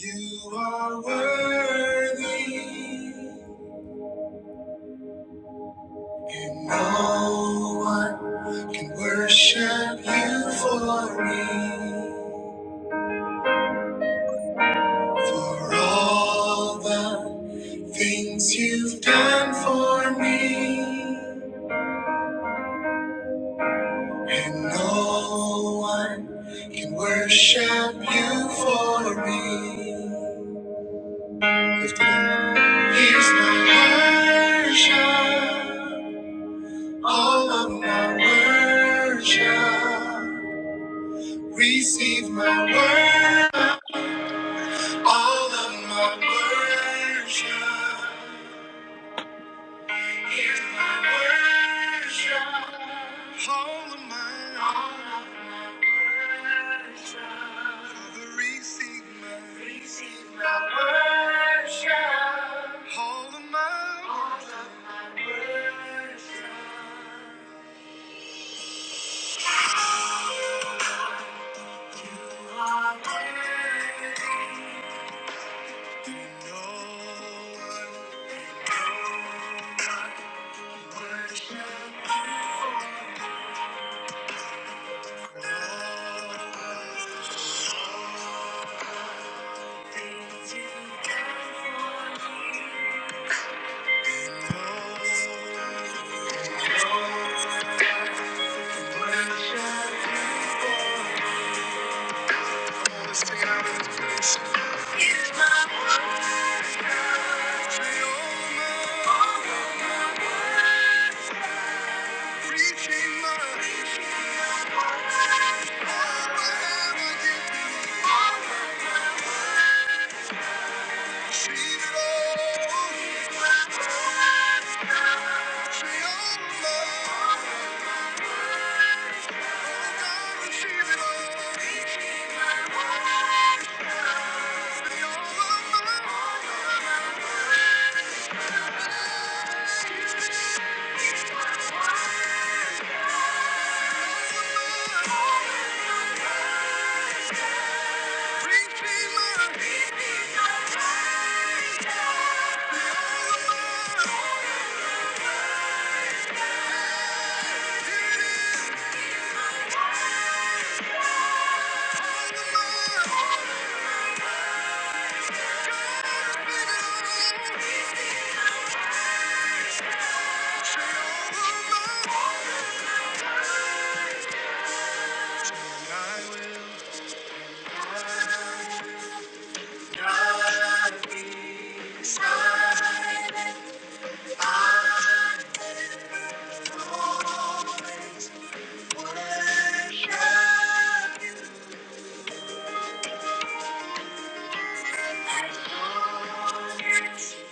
You are worthy, and no one can worship you for me. For all the things you've done for me, And no one can worship you for me. Lift it up. Here's my worship, all of my worship. Receive my worship, all of my worship. My worship, all of my, all of my worship. Receive my Receive my worship. All of my All of my worship. You are worthy. No one worship you. No one to care you. can. No one worship you. Receive it all. of my Inside, I won't worship. Thank you.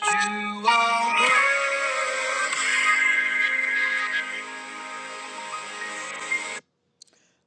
You are worthy.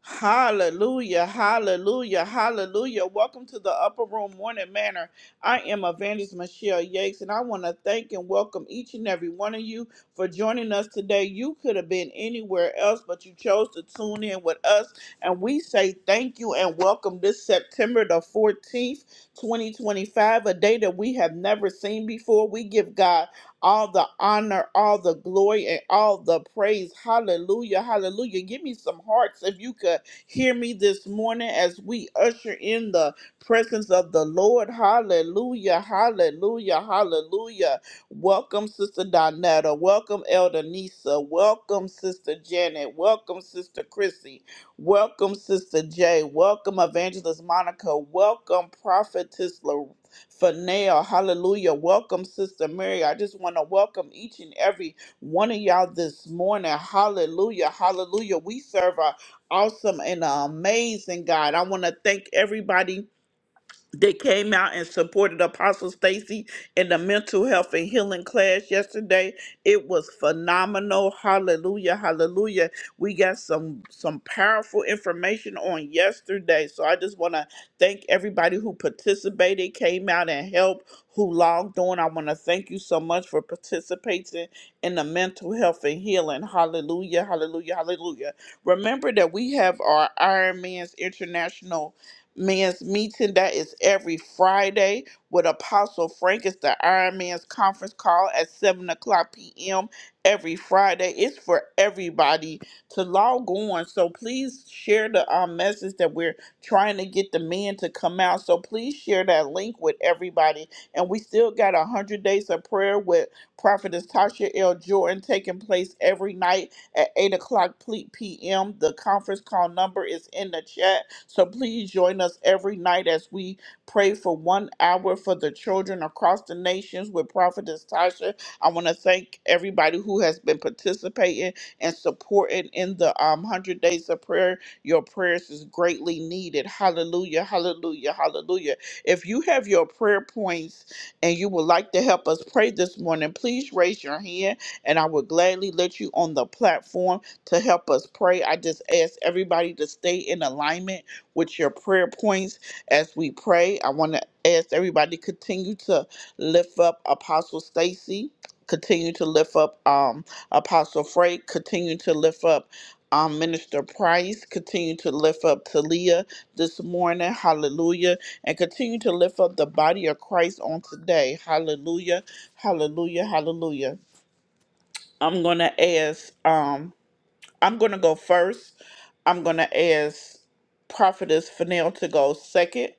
Hallelujah, hallelujah, hallelujah. Welcome to the Upper Room Morning Manor. I am Evangelist Michelle Yates, and I want to thank and welcome each and every one of you for joining us today. You could have been anywhere else, but you chose to tune in with us, and we say thank you and welcome this September the 14th, 2025, a day that we have never seen before. We give God all the honor, all the glory, and all the praise. Hallelujah. Hallelujah. Give me some hearts if you could hear me this morning as we usher in the presence of the Lord. Hallelujah. Hallelujah. Hallelujah. Welcome, Sister Donetta. Welcome, Elder Nisa. Welcome, Sister Janet. Welcome, Sister Chrissy. Welcome, Sister Jay. Welcome, Evangelist Monica. Welcome, Prophetess Loretta for now. Hallelujah. Welcome, Sister Mary. I just want to welcome each and every one of y'all this morning. Hallelujah. Hallelujah. We serve a awesome and a amazing God. I want to thank everybody they came out and supported Apostle Stacy in the mental health and healing class yesterday. It was phenomenal. Hallelujah. Hallelujah. We got some some powerful information on yesterday. So I just want to thank everybody who participated, came out and helped, who logged on. I want to thank you so much for participating in the mental health and healing. Hallelujah. Hallelujah. Hallelujah. Remember that we have our Iron Man's International Man's meeting that is every Friday with Apostle Frank. It's the Iron Man's conference call at 7 o'clock p.m. every Friday. It's for everybody to log on. So please share the um, message that we're trying to get the men to come out. So please share that link with everybody. And we still got 100 days of prayer with Prophetess Tasha L. Jordan taking place every night at 8 o'clock p.m. The conference call number is in the chat. So please join us every night as we pray for one hour for the children across the nations with Prophetess Tasha. I want to thank everybody who has been participating and supporting in the um, 100 Days of Prayer. Your prayers is greatly needed. Hallelujah, hallelujah, hallelujah. If you have your prayer points and you would like to help us pray this morning, please raise your hand and I would gladly let you on the platform to help us pray. I just ask everybody to stay in alignment with your prayer points as we pray. I want to ask everybody to continue to lift up Apostle Stacy, continue to lift up um, Apostle Frank, continue to lift up um, Minister Price, continue to lift up Talia this morning. Hallelujah. And continue to lift up the body of Christ on today. Hallelujah. Hallelujah. Hallelujah. I'm gonna ask. Um, I'm gonna go first. I'm gonna ask Prophetess Fennell to go second.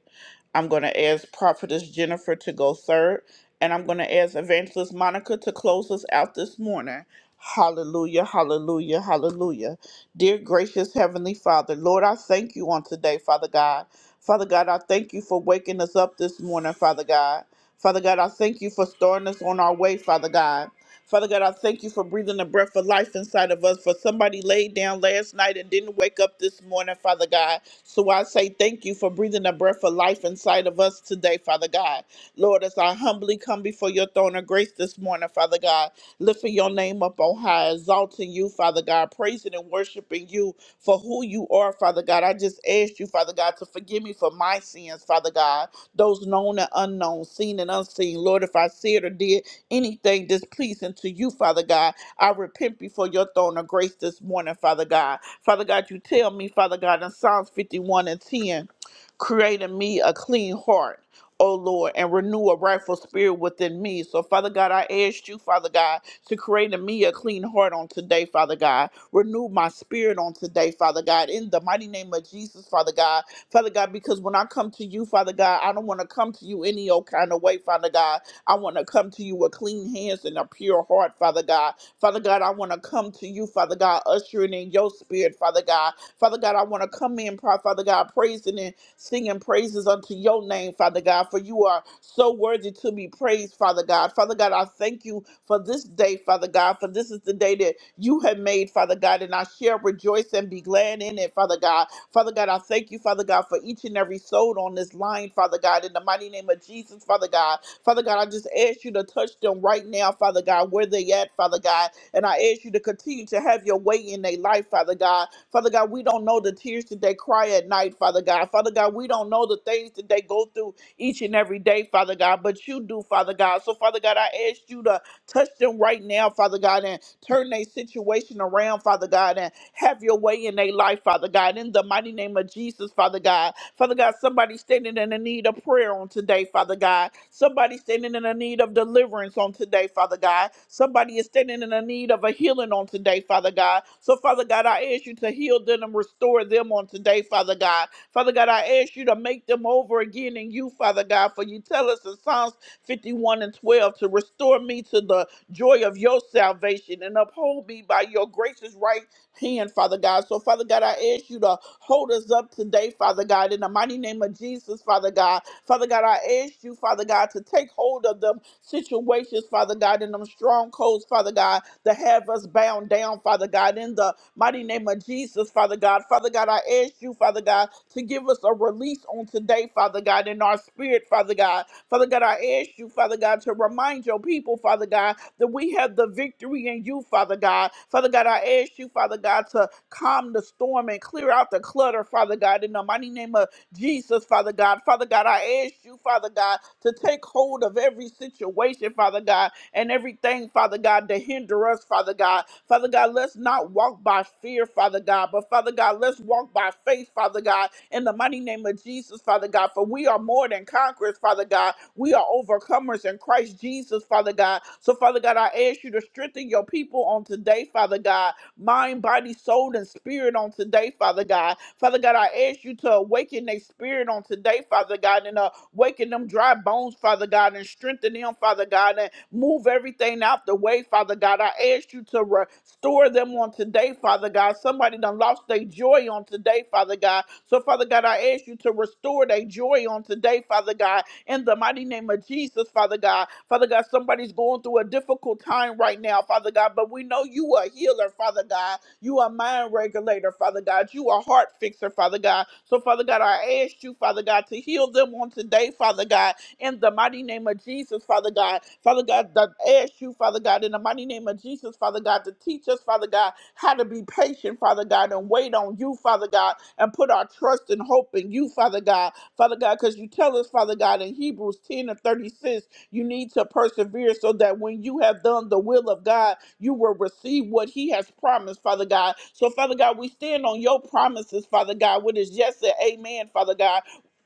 I'm gonna ask Prophetess Jennifer to go third, and I'm gonna ask Evangelist Monica to close us out this morning. Hallelujah, hallelujah, hallelujah. Dear gracious Heavenly Father, Lord, I thank you on today, Father God. Father God, I thank you for waking us up this morning, Father God. Father God, I thank you for starting us on our way, Father God. Father God, I thank you for breathing the breath of life inside of us. For somebody laid down last night and didn't wake up this morning, Father God. So I say thank you for breathing the breath of life inside of us today, Father God. Lord, as I humbly come before your throne of grace this morning, Father God, lifting your name up on high, exalting you, Father God, praising and worshiping you for who you are, Father God. I just ask you, Father God, to forgive me for my sins, Father God, those known and unknown, seen and unseen. Lord, if I said or did anything displeasing to you, Father God. I repent before your throne of grace this morning, Father God. Father God, you tell me, Father God, in Psalms 51 and 10, create in me a clean heart. O Lord, and renew a rightful spirit within me. So, Father God, I ask you, Father God, to create in me a clean heart on today, Father God. Renew my spirit on today, Father God, in the mighty name of Jesus, Father God. Father God, because when I come to you, Father God, I don't want to come to you any old kind of way, Father God. I want to come to you with clean hands and a pure heart, Father God. Father God, I want to come to you, Father God, ushering in your spirit, Father God. Father God, I want to come in, pra- Father God, praising and singing praises unto your name, Father God, for you are so worthy to be praised, Father God. Father God, I thank you for this day, Father God, for this is the day that you have made, Father God, and I shall rejoice and be glad in it, Father God. Father God, I thank you, Father God, for each and every soul on this line, Father God, in the mighty name of Jesus, Father God. Father God, I just ask you to touch them right now, Father God, where they at, Father God. And I ask you to continue to have your way in their life, Father God. Father God, we don't know the tears that they cry at night, Father God. Father God, we don't know the things that they go through each and every day, Father God, but you do, Father God. So, Father God, I ask you to touch them right now, Father God, and turn their situation around, Father God. and. Have your way in their life, Father God. In the mighty name of Jesus, Father God. Father God, somebody standing in the need of prayer on today, Father God. Somebody standing in the need of deliverance on today, Father God. Somebody is standing in the need of a healing on today, Father God. So, Father God, I ask you to heal them and restore them on today, Father God. Father God, I ask you to make them over again in you, Father God. For you tell us in Psalms 51 and 12 to restore me to the joy of your salvation and uphold me by your gracious right hand, Father God. So, Father God, I ask you to hold us up today, Father God, in the mighty name of Jesus, Father God. Father God, I ask you, Father God, to take hold of them situations, Father God, and them strongholds, Father God, that have us bound down, Father God, in the mighty name of Jesus, Father God. Father God, I ask you, Father God, to give us a release on today, Father God, in our spirit, Father God. Father God, I ask you, Father God, to remind your people, Father God, that we have the victory in you, Father God. Father God, I ask you, Father God, to calm the storm and clear out the clutter, Father God, in the mighty name of Jesus, Father God. Father God, I ask you, Father God, to take hold of every situation, Father God, and everything, Father God, to hinder us, Father God. Father God, let's not walk by fear, Father God, but Father God, let's walk by faith, Father God, in the mighty name of Jesus, Father God. For we are more than conquerors, Father God. We are overcomers in Christ Jesus, Father God. So, Father God, I ask you to strengthen your people on today, Father God, mind, body, soul, and spirit on today, Father God. Father God, I ask you to awaken their spirit on today, Father God, and uh, waking them dry bones, Father God, and strengthen them, Father God, and move everything out the way, Father God. I ask you to restore them on today, Father God. Somebody done lost their joy on today, Father God. So, Father God, I ask you to restore their joy on today, Father God God, in the mighty name of Jesus, Father God. Father God, somebody's going through a difficult time right now, Father God, but we know you are a healer, Father God. You are a mind regulator, Father God. You are a heart fixer, Father God. So, Father God, I ask you, Father God, to heal them on today, Father God, in the mighty name of Jesus, Father God. Father God, I ask you, Father God, in the mighty name of Jesus, Father God, to teach us, Father God, how to be patient, Father God, and wait on you, Father God, and put our trust and hope in you, Father God. Father God, because you tell us, Father God, in Hebrews 10 and 36, you need to persevere so that when you have done the will of God, you will receive what He has promised, Father God. So, Father God, we stand on your promises, Father God, what is yes and amen, Father God.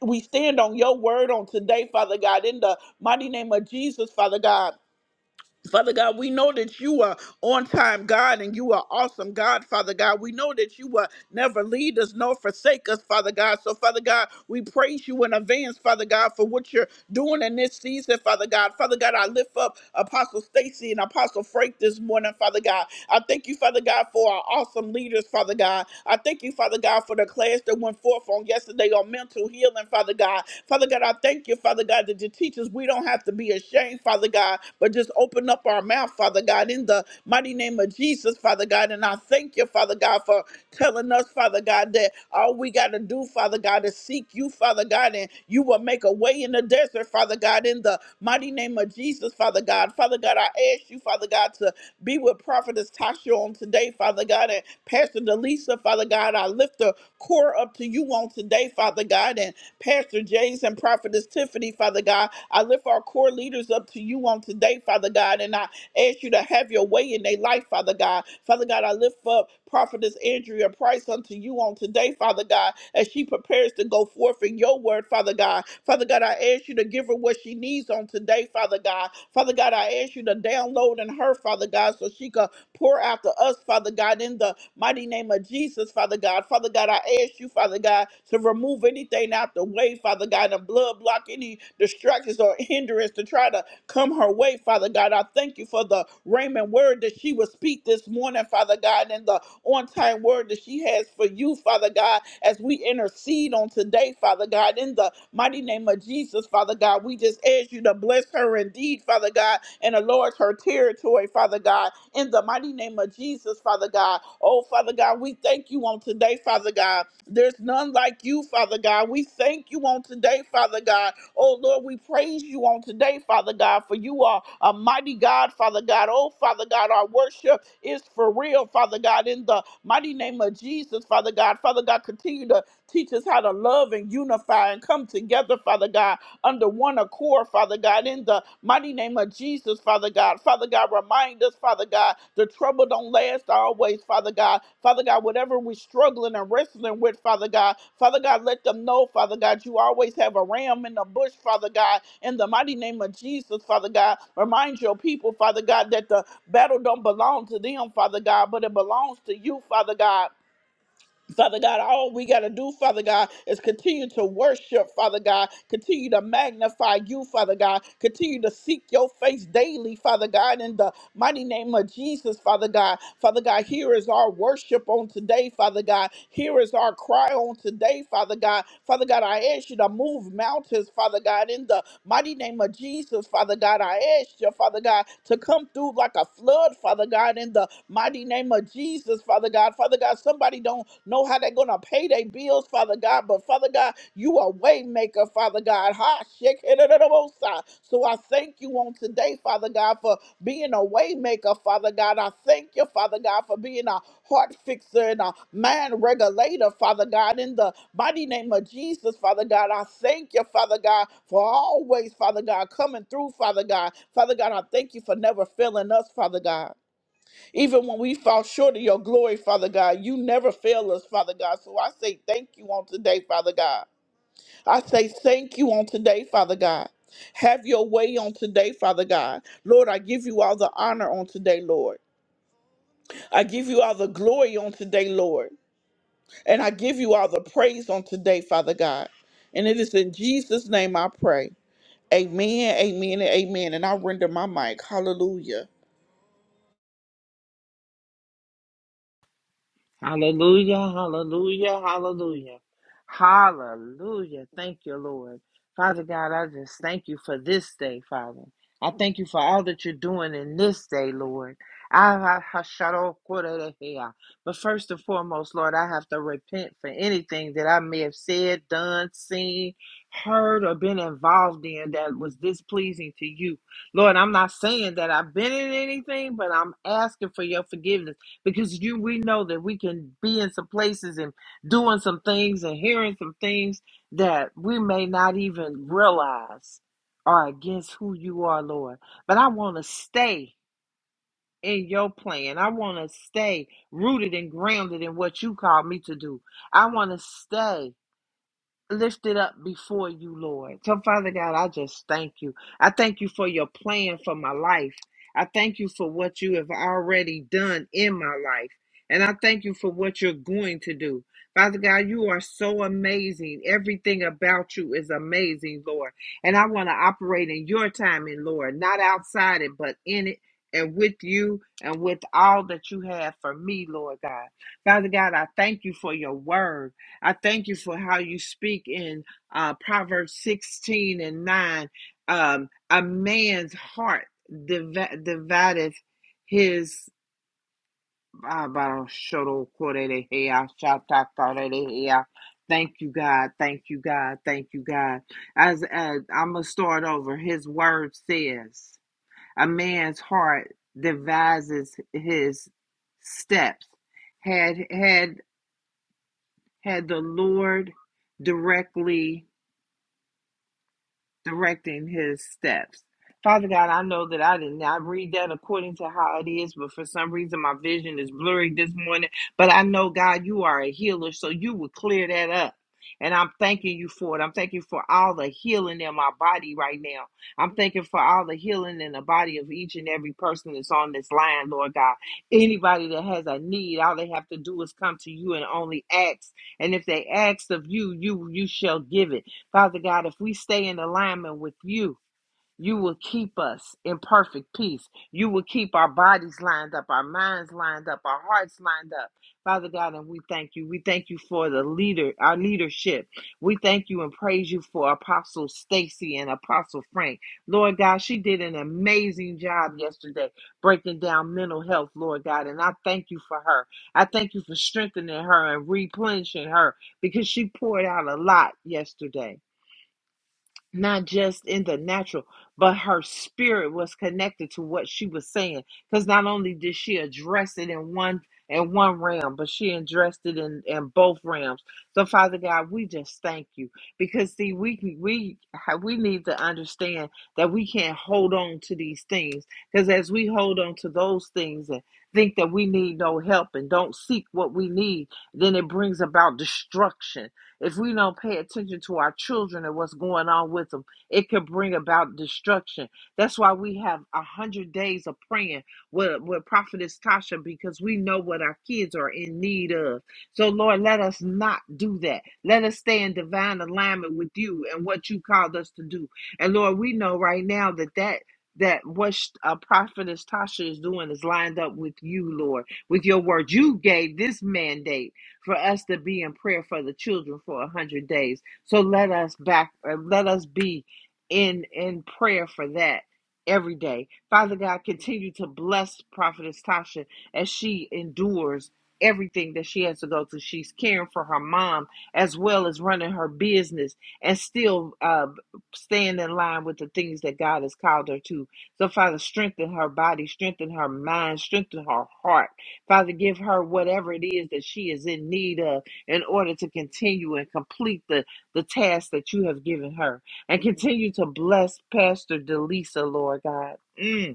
We stand on your word on today, Father God, in the mighty name of Jesus, Father God. Father God, we know that you are on time, God, and you are awesome, God, Father God. We know that you will never lead us nor forsake us, Father God. So, Father God, we praise you in advance, Father God, for what you're doing in this season, Father God. Father God, I lift up Apostle Stacy and Apostle Frank this morning, Father God. I thank you, Father God, for our awesome leaders, Father God. I thank you, Father God, for the class that went forth on yesterday on mental healing, Father God. Father God, I thank you, Father God, that your teachers, we don't have to be ashamed, Father God, but just open up our mouth, Father God, in the mighty name of Jesus, Father God. And I thank you, Father God, for telling us, Father God, that all we got to do, Father God, is seek you, Father God, and you will make a way in the desert, Father God, in the mighty name of Jesus, Father God. Father God, I ask you, Father God, to be with Prophetess Tasha on today, Father God, and Pastor Delisa, Father God. I lift the core up to you on today, Father God, and Pastor James and Prophetess Tiffany, Father God. I lift our core leaders up to you on today, Father God, and I Ask you to have your way in their life, Father God. Father God, I lift up Prophetess Andrea Price unto you on today, Father God, as she prepares to go forth in your word, Father God. Father God, I ask you to give her what she needs on today, Father God. Father God, I ask you to download in her, Father God, so she can pour out to us, Father God, in the mighty name of Jesus, Father God. Father God, I ask you, Father God, to remove anything out the way, Father God, and blood block any distractions or hindrance to try to come her way, Father God. I thank you for the Raymond word that she will speak this morning, Father God, and the on time word that she has for you, Father God, as we intercede on today, Father God, in the mighty name of Jesus, Father God. We just ask you to bless her indeed, Father God, and enlarge her territory, Father God, in the mighty name of Jesus, Father God. Oh, Father God, we thank you on today, Father God. There's none like you, Father God. We thank you on today, Father God Oh Lord, we praise you on today, Father God, for you are a mighty God, Father God. Oh Father God, our worship is for real, Father God, in the mighty name of Jesus, Father God. Father God, continue to teach us how to love and unify and come together, Father God under one accord, Father God, in the mighty name of Jesus, Father God. Father God, remind us, Father God, the trouble don't last always, Father God. Father God, whatever we're struggling and wrestling with, Father God, Father God, let them know, Father God, you always have a ram in the bush, Father God, in the mighty name of Jesus, Father God. Remind your people, Father God, that the battle don't belong to them, Father God, but it belongs to you, Father God. Father God, all we got to do, Father God, is continue to worship, Father God, continue to magnify you, Father God, continue to seek your face daily, Father God, in the mighty name of Jesus, Father God. Father God, here is our worship on today, Father God. Here is our cry on today, Father God. Father God, I ask you to move mountains mountains, Father God, in the mighty name of Jesus, Father God. I ask you, Father God, to come through like a flood, Father God, in the mighty name of Jesus, Father God. Father God, somebody don't know how they're gonna pay their bills, Father God, but Father God, you are way maker, Father God. Ha shake it at the most high. So I thank you on today, Father God, for being a way maker, Father God. I thank you, Father God, for being a heart fixer and a mind regulator, Father God, in the mighty name of Jesus, Father God. I thank you, Father God, for always, Father God, coming through, Father God. Father God, I thank you for never failing us, Father God. Even when we fall short of your glory, Father God, you never fail us, Father God. So I say thank you on today, Father God. I say thank you on today, Father God. Have your way on today, Father God. Lord, I give you all the honor on today, Lord. I give you all the glory on today, Lord. And I give you all the praise on today, Father God. And it is in Jesus' name I pray. Amen, amen, and amen. And I render my mic. Hallelujah. Hallelujah, hallelujah, hallelujah. Hallelujah. Thank you, Lord. Father God, I just thank you for this day, Father. I thank you for all that you're doing in this day, Lord. I- I- I shout out, "Kore But first and foremost, Lord, I have to repent for anything that I may have said, done, seen, heard, or been involved in that was displeasing to you. Lord, I'm not saying that I've been in anything, but I'm asking for your forgiveness because you we know that we can be in some places and doing some things and hearing some things that we may not even realize are against who you are, Lord. But I want to stay in your plan. I want to stay rooted and grounded in what you called me to do. I want to stay lifted up before you, Lord. So, Father God, I just thank you. I thank you for your plan for my life. I thank you for what you have already done in my life. And I thank you for what you're going to do. Father God, you are so amazing. Everything about you is amazing, Lord. And I want to operate in your timing, Lord, not outside it, but in it and with you and with all that you have for me, Lord God. Father God, I thank you for your word. I thank you for how you speak in uh, Proverbs 16 and 9. Um, a man's heart div- divideth his. ah, Thank you, God. Thank you, God. Thank you, God. As, as I'm going to start over, his word says, A man's heart devises his steps. Had, had, had the Lord directly directing his steps. Father God, I know that I did not read that according to how it is, but for some reason my vision is blurry this morning. But I know, God, you are a healer, so you will clear that up. And I'm thanking you for it. I'm thanking you for all the healing in my body right now. I'm thanking for all the healing in the body of each and every person that's on this line, Lord God. Anybody that has a need, all they have to do is come to you and only ask. And if they ask of you, you you shall give it. Father God, if we stay in alignment with you, you will keep us in perfect peace. You will keep our bodies lined up, our minds lined up, our hearts lined up. Father God, and we thank you. We thank you for the leader, our leadership. We thank you and praise you for Apostle Stacy and Apostle Frank. Lord God, she did an amazing job yesterday breaking down mental health, Lord God, and I thank you for her. I thank you for strengthening her and replenishing her because she poured out a lot yesterday not just in the natural, but her spirit was connected to what she was saying. Because not only did she address it in one in one realm, but she addressed it in, in both realms. So Father God, we just thank you because see, we we we need to understand that we can't hold on to these things because as we hold on to those things and think that we need no help and don't seek what we need, then it brings about destruction if we don't pay attention to our children and what's going on with them, it could bring about destruction. That's why we have a hundred days of praying with, with Prophetess Tasha because we know what our kids are in need of. So, Lord, let us not do that. Let us stay in divine alignment with you and what you called us to do. And Lord, we know right now that that that what uh, prophetess Tasha is doing is lined up with you, Lord, with your word. You gave this mandate for us to be in prayer for the children for a hundred days. So let us back, uh, let us be in in prayer for that every day. Father God, continue to bless Prophetess Tasha as she endures everything that she has to go through. She's caring for her mom as well as running her business and still uh, staying in line with the things that God has called her to. So, Father, strengthen her body, strengthen her mind, strengthen her heart Father, give her whatever it is that she is in need of in order to continue and complete the, the task that you have given her. And continue to bless Pastor Delisa, Lord God. Mm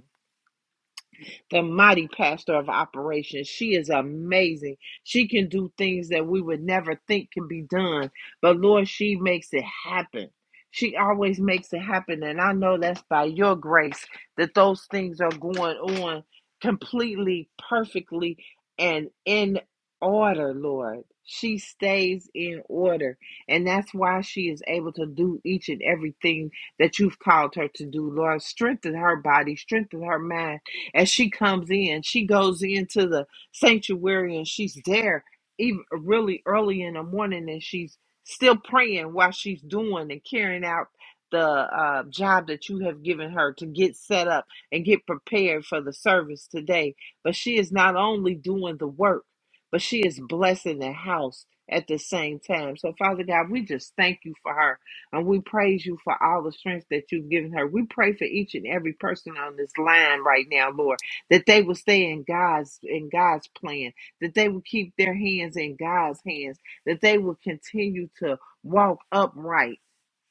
the mighty pastor of operations. She is amazing. She can do things that we would never think can be done, but Lord, she makes it happen. She always makes it happen. And I know that's by your grace that those things are going on completely, perfectly, and in order, Lord. She stays in order. And that's why she is able to do each and everything that you've called her to do, Lord. Strengthen her body, strengthen her mind, as she comes in, she goes into the sanctuary and she's there even really early in the morning and she's still praying while she's doing and carrying out the uh, job that you have given her to get set up and get prepared for the service today. But she is not only doing the work, but she is blessing the house at the same time. So, Father God, we just thank you for her. And we praise you for all the strength that you've given her. We pray for each and every person on this line right now, Lord, that they will stay in God's in God's plan, that they will keep their hands in God's hands, that they will continue to walk upright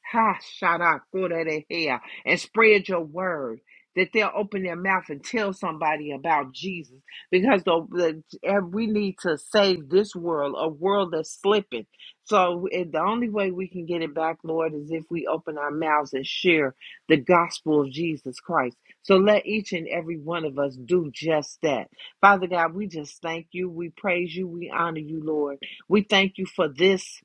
Ha, shada, kurerehe, and spread your word that they'll open their mouth and tell somebody about Jesus because the, the, and we need to save this world, a world that's slipping. So and the only way we can get it back, Lord, is if we open our mouths and share the gospel of Jesus Christ. So let each and every one of us do just that. Father God, we just thank you. We praise you. We honor you, Lord. We thank you for this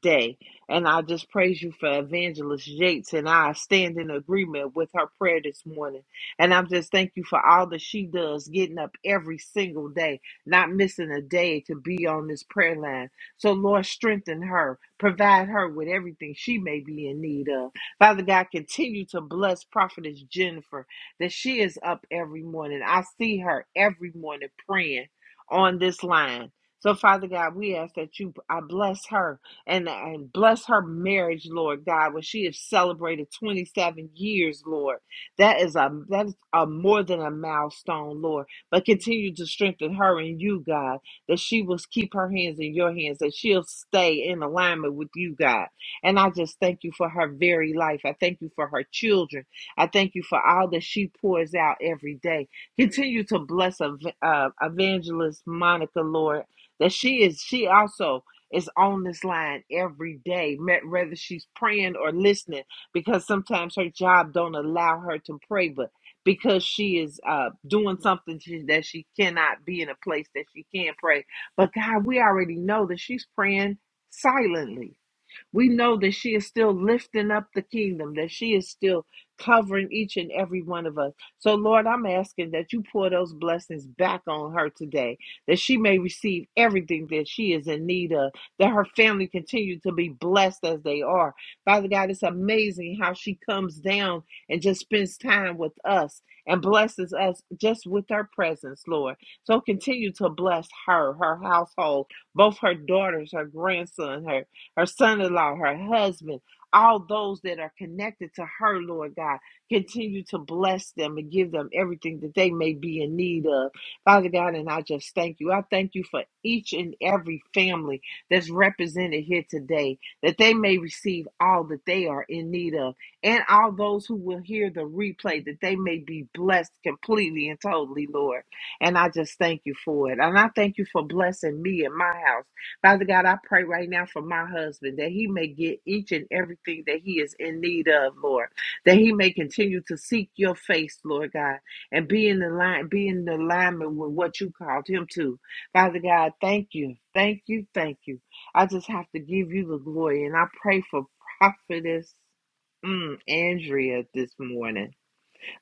day. And I just praise you for Evangelist Yates, and I stand in agreement with her prayer this morning. And I'm just thank you for all that she does, getting up every single day, not missing a day to be on this prayer line. So, Lord, strengthen her, provide her with everything she may be in need of. Father God, continue to bless Prophetess Jennifer that she is up every morning. I see her every morning praying on this line. So, Father God, we ask that you I bless her and, and bless her marriage, Lord God, when she has celebrated 27 years, Lord. That is a that is a more than a milestone, Lord. But continue to strengthen her and you, God, that she will keep her hands in your hands, that she'll stay in alignment with you, God. And I just thank you for her very life. I thank you for her children. I thank you for all that she pours out every day. Continue to bless ev- uh, evangelist Monica, Lord, that she is she also is on this line every day, me- whether she's praying or listening, because sometimes her job don't allow her to pray, but because she is uh, doing something she, that she cannot be in a place that she can pray. But God, we already know that she's praying silently we know that she is still lifting up the kingdom, that she is still covering each and every one of us. So, Lord, I'm asking that you pour those blessings back on her today, that she may receive everything that she is in need of, that her family continue to be blessed as they are. Father God, it's amazing how she comes down and just spends time with us and blesses us just with her presence, Lord. So, continue to bless her, her household, both her daughters, her grandson, her her son in law, her husband, all those that are connected to her, Lord God. Continue to bless them and give them everything that they may be in need of. Father God, and I just thank you. I thank you for each and every family that's represented here today, that they may receive all that they are in need of, and all those who will hear the replay, that they may be blessed completely and totally, Lord. And I just thank you for it. And I thank you for blessing me and my house. Father God, I pray right now for my husband that he may get each and everything that he is in need of, Lord, that he may continue to seek your face, Lord God, and be in the line, be in alignment with what you called him to. Father God, thank you. Thank you. Thank you. I just have to give you the glory. And I pray for prophetess mm, Andrea this morning.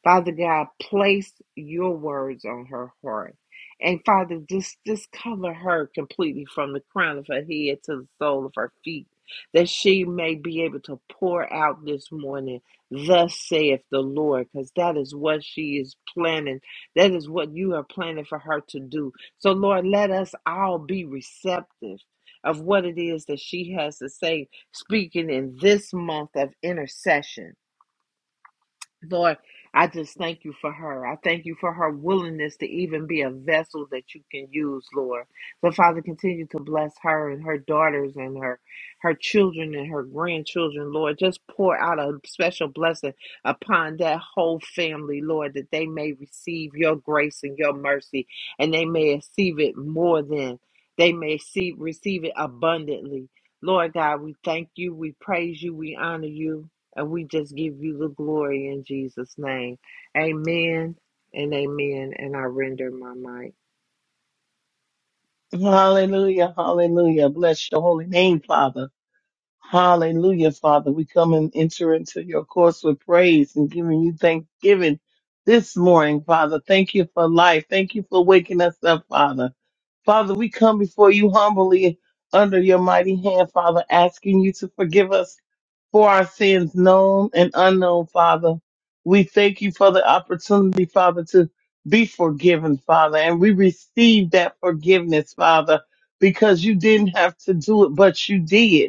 Father God, place your words on her heart. And Father, just, just cover her completely from the crown of her head to the sole of her feet, that she may be able to pour out this morning, thus saith the Lord, because that is what she is planning. That is what you are planning for her to do. So, Lord, let us all be receptive of what it is that she has to say, speaking in this month of intercession. Lord, I just thank you for her. I thank you for her willingness to even be a vessel that you can use, Lord. So, Father, continue to bless her and her daughters and her her children and her grandchildren, Lord. Just pour out a special blessing upon that whole family, Lord, that they may receive your grace and your mercy, and they may receive it more than they may see receive it abundantly. Lord God, we thank you, we praise you, we honor you. And we just give you the glory in Jesus' name. Amen and amen. And I render my mic. Hallelujah, hallelujah. Bless your holy name, Father. Hallelujah, Father. We come and enter into your course with praise and giving you thanksgiving this morning, Father. Thank you for life. Thank you for waking us up, Father. Father, we come before you humbly under your mighty hand, Father, asking you to forgive us for our sins, known and unknown, Father. We thank you for the opportunity, Father, to be forgiven, Father. And we receive that forgiveness, Father, because you didn't have to do it, but you did.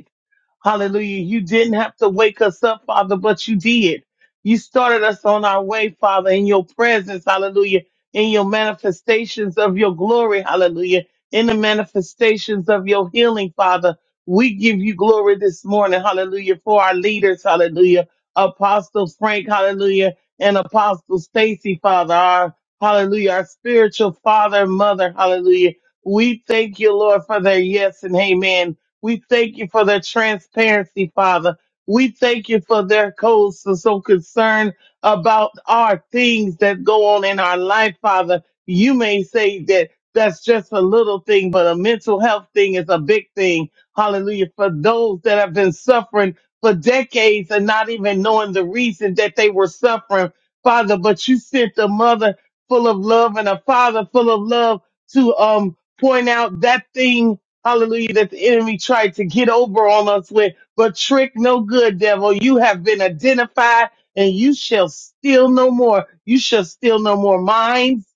Hallelujah. You didn't have to wake us up, Father, but you did. You started us on our way, Father, in your presence. Hallelujah. In your manifestations of your glory. Hallelujah. In the manifestations of your healing, Father. We give you glory this morning. Hallelujah. For our leaders. Hallelujah. Apostle Frank. Hallelujah. And Apostle Stacy, Father. Our, hallelujah. Our spiritual father and mother. Hallelujah. We thank you, Lord, for their yes and amen. We thank you for their transparency, Father. We thank you for their codes so, so concerned about our things that go on in our life, Father. You may say that that's just a little thing, but a mental health thing is a big thing. Hallelujah. For those that have been suffering for decades and not even knowing the reason that they were suffering, Father, but you sent a mother full of love and a father full of love to um point out that thing Hallelujah, that the enemy tried to get over on us with, but trick no good, devil. You have been identified and you shall steal no more. You shall steal no more minds.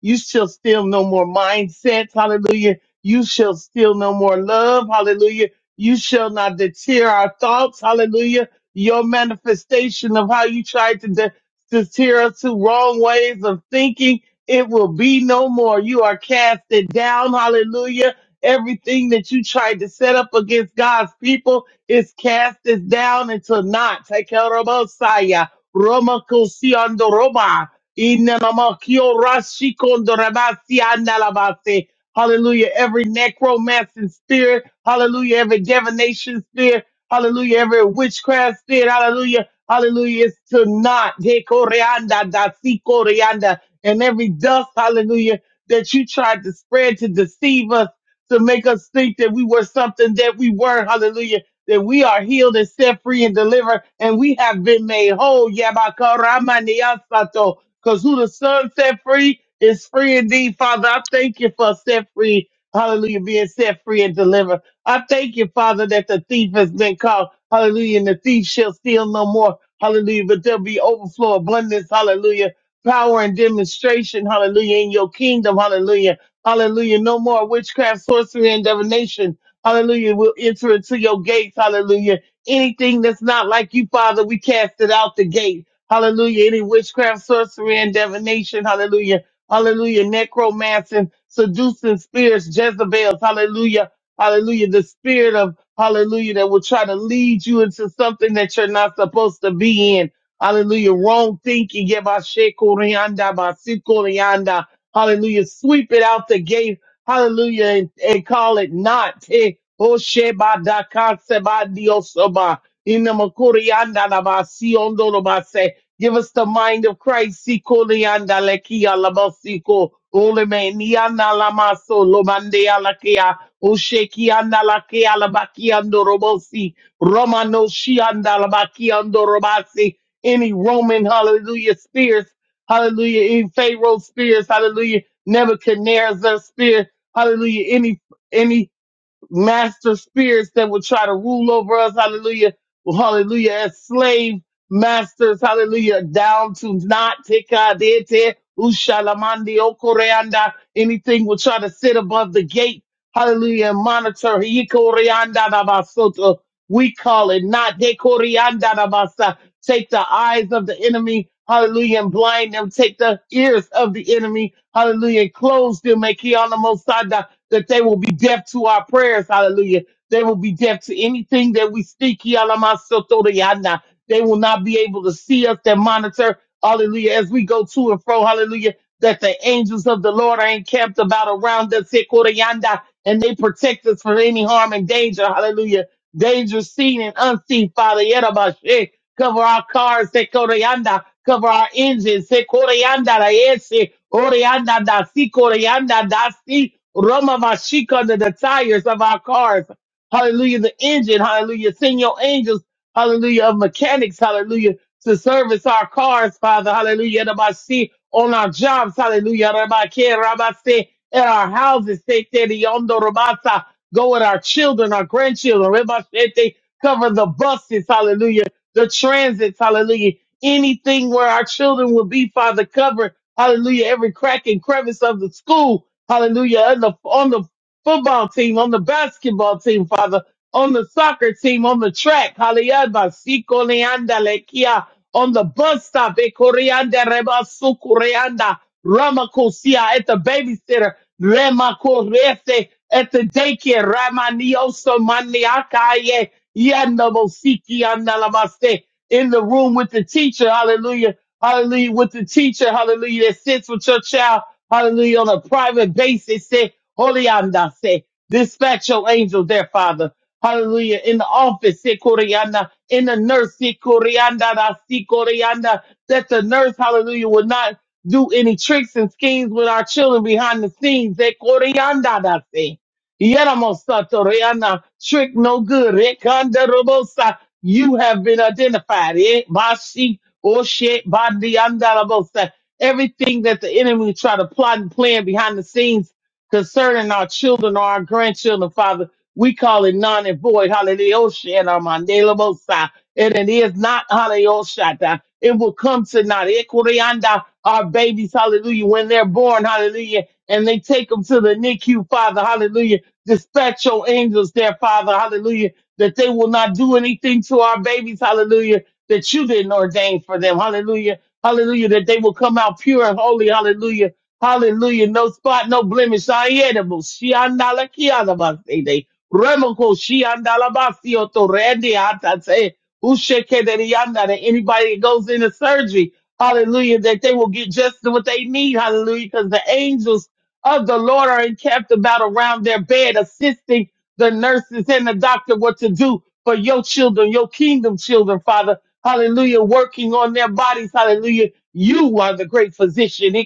You shall steal no more mindsets. Hallelujah. You shall steal no more love. Hallelujah. You shall not deter our thoughts. Hallelujah. Your manifestation of how you tried to de- deter us to wrong ways of thinking, it will be no more. You are casted down. Hallelujah Everything that you tried to set up against God's people is cast is down into naught. Take care of Messiah. Roma Kosiando Roma. Inamakio Rashikondo Rabasi Andalabase. Hallelujah. Every necromancing spirit. Hallelujah. Every divination spirit. Hallelujah. Every witchcraft spirit. Hallelujah. Hallelujah. It's to not. De coreanda, da si coreanda. And every dust. Hallelujah. That you tried to spread to deceive us to make us think that we were something that we weren't. Hallelujah. That we are healed and set free and delivered, and we have been made whole. Yabakaramaniyatsato. Because who the Son set free is free indeed. Father, I thank you for set free. Hallelujah, being set free and delivered. I thank you, Father, that the thief has been caught. Hallelujah, and the thief shall steal no more. Hallelujah, but there'll be overflow, abundance. Hallelujah, power and demonstration. Hallelujah, in your kingdom. Hallelujah. Hallelujah. No more witchcraft, sorcery, and divination. Hallelujah. We'll enter into your gates. Hallelujah. Anything that's not like you, Father, we cast it out the gate. Hallelujah. Any witchcraft, sorcery, and divination. Hallelujah. Hallelujah. Necromancing, seducing spirits, Jezebels. Hallelujah. Hallelujah. The spirit of hallelujah that will try to lead you into something that you're not supposed to be in. Hallelujah. Wrong thinking. Yabashekorianda, basikorianda. Hallelujah. Sweep it out the gate. Hallelujah. And, and call it not. Eh, oh, sheba da ka seba diosoma. Ina makuri anda na ba si ondo lo ba se. Give us the mind of Christ. Si koli anda le ki ala ba si ko. Ole me ni anda la ma so lo mande ala ke a. O she anda la ke ala ba ki ando ro bo si. no shi anda la ba ki ando ro si. Any Roman, hallelujah, spirits Hallelujah. Any Pharaoh spirits. Hallelujah. Nebuchadnezzar spirit. Hallelujah. Any, any master spirits that will try to rule over us, hallelujah, hallelujah, as slave masters, hallelujah, down to not tekadete, ushalamandi okoreanda, anything will try to sit above the gate, hallelujah, and monitor, hikoreanda dabasoto, we call it not dekorianda dabasa, take the eyes of the enemy, hallelujah, and blind them, take the ears of the enemy, hallelujah, and close them, make that they will be deaf to our prayers. Hallelujah. They will be deaf to anything that we speak. Yalamasotoriana. They will not be able to see us and monitor. Hallelujah. As we go to and fro. Hallelujah. That the angels of the Lord are encamped about around us. Sekorianda. And they protect us from any harm and danger. Hallelujah. Danger seen and unseen, Father. Yerabashe. Cover our cars. Sekorianda. Cover our engines. Se koreanda da ese, oreanda da si, koreanda da si, roma vashika under the tires of our cars. Hallelujah. The engine. Hallelujah. Send your angels. Hallelujah. Of mechanics. Hallelujah. To service our cars, Father. Hallelujah. Da ba si, On our jobs. Hallelujah. Da ba ke, ra ba se, at our houses. Se te di ondo ra ba sa. Go with our children, our grandchildren. Ra ba se te, Cover the buses. Hallelujah the transits, hallelujah anything where our children will be, Father, cover, hallelujah, every crack and crevice of the school, hallelujah, on the, on the football team, on the basketball team, Father, on the soccer team, on the track, hallelujah, on the bus stop at Koreanda Rebasu Koreanda Ramakosia at the babysitter Rema Korese at the daycare Ramanioso Maniakaye Yanabosiki Analamaste in the room with the teacher, hallelujah, hallelujah, with the teacher, hallelujah, that sits with your child, hallelujah, on a private basis, say, Holy Anda, Dispatch your angels there, Father. Hallelujah. In the office, se coreana. In the nurse, se coreana, da se coreana. That the nurse, hallelujah, will not do any tricks and schemes with our children behind the scenes. Se coreana, da se. Yeramosatoriana. Trick no good. Rekanda robosa. You have been identified. Eh? Bashi, oshe, bandianda robosa. Everything that the enemy try to plot and plan behind the scenes concerning our children or our grandchildren, Father. We call it non and void. Hallelujah. And our mandela mosa. And it is not hallelujah. It will come to not. Ekurianda, Our babies, hallelujah, when they're born, hallelujah, and they take them to the NICU, Father, hallelujah. Dispatch your angels there, Father, hallelujah, that they will not do anything to our babies, hallelujah, that you didn't ordain for them, hallelujah, hallelujah, that they will come out pure and holy, hallelujah, Hallelujah. No spot, no blemish. Unedible. Shiandala kiadabasede. Remoko shiandalabasio to rende atate. Ushekederianda. That anybody that goes into surgery, hallelujah, that they will get just what they need. Hallelujah. Because the angels of the Lord are encamped about around their bed, assisting the nurses and the doctor what to do for your children, your kingdom children, Father. Hallelujah. Working on their bodies. Hallelujah. You are the great physician.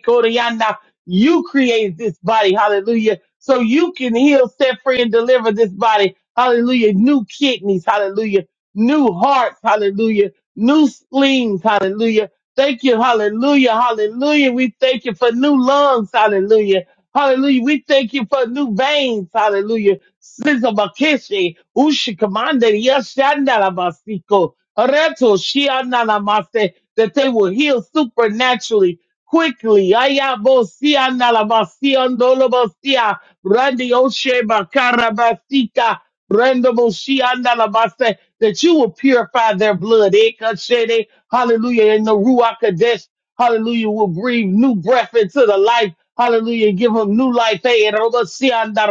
You created this body, hallelujah, so you can heal, set free, and deliver this body, hallelujah. New kidneys, hallelujah. New hearts, hallelujah. New spleens, hallelujah. Thank you, hallelujah, hallelujah. We thank you for new lungs, hallelujah. Hallelujah. We thank you for new veins, hallelujah. Sister Bakeshi, Ushi Reto Shianala that they will heal supernaturally quickly. Ayabosia nalabasia ndolobosia randioshe bakarabasika randobosia nalabase that you will purify their blood. Ekashede, Hallelujah. In the Ruach Kadesh. Hallelujah. Will breathe new breath into the life. Hallelujah. Give him new life. Hey, and all the sea and the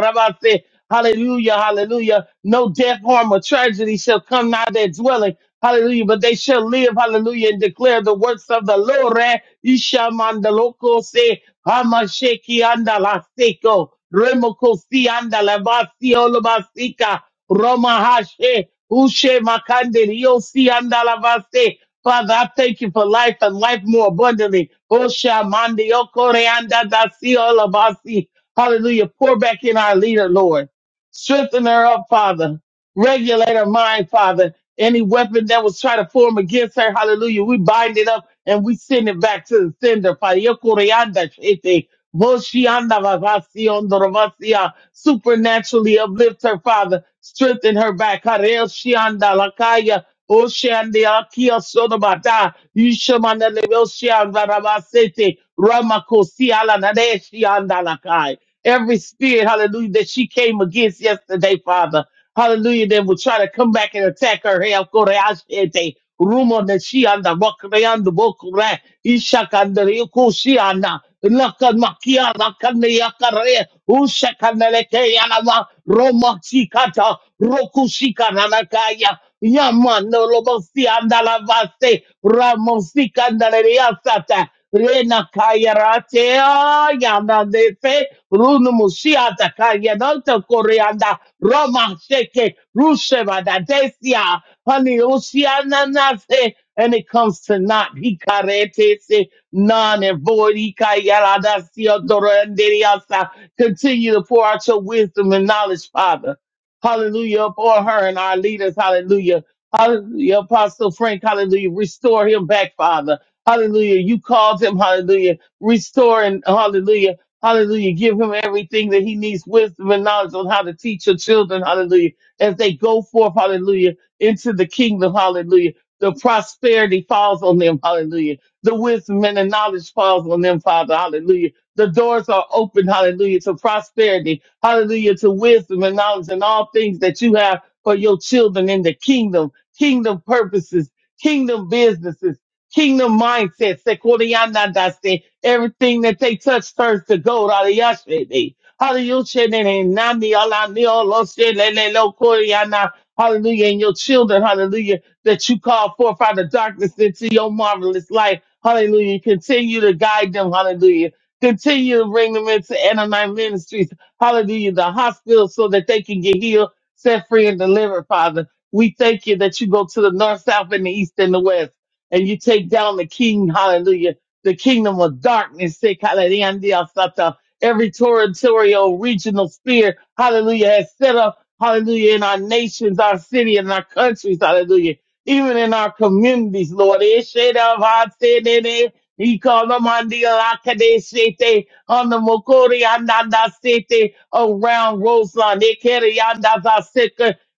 Hallelujah. Hallelujah. No death, harm, or tragedy shall come nigh their dwelling. Hallelujah. But they shall live. Hallelujah. And declare the works of the Lord. Eh, Isha mandaloko se hamasheki andalaseko. Remoko si andalabasi olabasika. Roma hashe. Ushe makande. Yo si andalabase. Father, I thank you for life and life more abundantly. Osha mandi okoreanda dasi olabasi. Hallelujah. Pour back in our leader, Lord. Strengthen her up, Father regulate her mind, Father. Any weapon that was trying to form against her, hallelujah, we bind it up and we send it back to the sender. Father, Yokorianda shete, Moshianda vavasiondo ravasia. supernaturally uplift her, Father, strengthen her back. Harel shianda lakaya, Oshandi akia sodobata, Yishamanda levoshianda ravasete, Ramakosia la nadeshianda lakai. Every spirit, hallelujah, that she came against yesterday, Father, hallelujah, that will try to come back and attack her. Hey, of course, I said they rumor that she on the rock, they on the book, right? Ishakanda, Yokoshiyana, Lakamakia, Lakanda, Yakare, Ushakanaleke, Yalama, Roma Chikata, Rokushika, Nanakaya, Yamano, Lobosi, Andalavaste, Ramosika, Andalariasata. Rena kayarate yana defe runu musiata kayananta koreanda Roma seke ruseva da desia honey nase and it comes to not hikarete se non and void hikayarada siodoranderiasa continue to pour out your wisdom and knowledge father hallelujah pour her and our leaders hallelujah hallelujah apostle frank hallelujah restore him back father Hallelujah. You called him. Hallelujah. Restore and hallelujah. Hallelujah. Give him everything that he needs, wisdom and knowledge on how to teach your children. Hallelujah. As they go forth, hallelujah, into the kingdom. Hallelujah. The prosperity falls on them. Hallelujah. The wisdom and the knowledge falls on them, Father. Hallelujah. The doors are open. Hallelujah. To prosperity. Hallelujah. To wisdom and knowledge and all things that you have for your children in the kingdom, kingdom purposes, kingdom businesses Kingdom mindset, Sekoriyanadase, everything that they touch turns to gold. Hallelujah. Hallelujah. Nami, ala, ni, olo, she, le, le, lo, koriyana. Hallelujah. And your children, hallelujah, that you call forth out of darkness into your marvelous light. Hallelujah. Continue to guide them. Hallelujah. Continue to bring them into Anonymous Ministries. Hallelujah. The hospital so that they can get healed, set free, and delivered, Father. We thank you that you go to the north, south, and the east and the west and you take down the king, hallelujah, the kingdom of darkness, say, hallelujah, sata. every territorial regional sphere, hallelujah, has set up, hallelujah, in our nations, our city, and our countries, hallelujah, even in our communities, Lord. Eh, shade of our sin in it. He called them on the Alakade Shete, on the Mokori Andanda Sete, around Roseland, Eh, Kere Yanda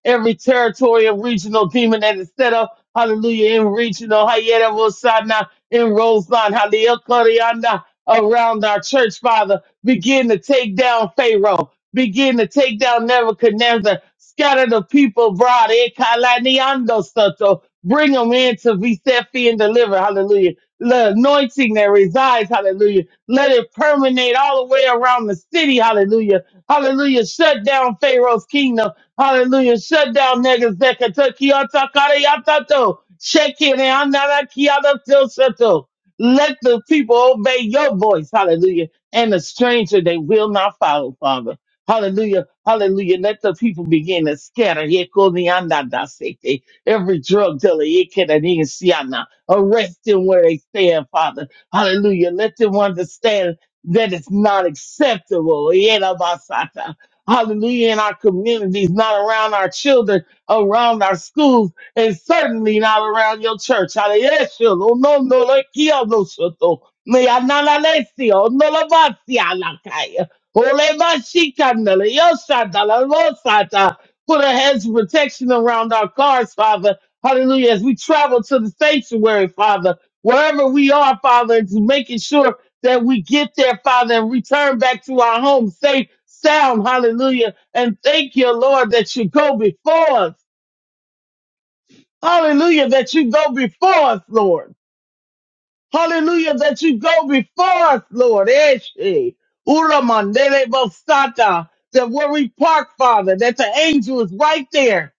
every territorial regional demon that is set up hallelujah, in regional, Hayeda Rosana, in Roseland, Halil Koryana, around our church, Father. Begin to take down Pharaoh. Begin to take down Nebuchadnezzar. Scatter the people abroad. Eh, Kalaniando Soto. Bring them in to be set free and deliver. Hallelujah. The anointing that resides. Hallelujah. Let it permeate all the way around the city. Hallelujah. Hallelujah. Shut down Pharaoh's kingdom. Hallelujah. Shut down niggas that Kentucky Otakari Yatato. Shake it and Seto. Let the people obey your voice. Hallelujah. And the stranger they will not follow, Father. Hallelujah. Hallelujah. Let the people begin to scatter. Yeko ni anda da sete. Every drug dealer, yeke da ni siana. arrest them where they stand, Father. Hallelujah. Let them understand that it's not acceptable. Yena basata hallelujah, in our communities, not around our children, around our schools, and certainly not around your church. Hallelujah. No, no, no, no, kia no soto. Me anana lesio, no la vacia la calle. Ole mashika nele, yosata la losata. Put a hedge of protection around our cars, Father. Hallelujah. As we travel to the sanctuary, Father, wherever we are, Father, to making sure that we get there, Father, and return back to our home safe, sound. Hallelujah. And thank you, Lord, that you go before us. Hallelujah, that you go before us, Lord. Hallelujah, that you go before us, Lord. Eshe, Ura mandele bosata. That where we park, Father, that the angel is right there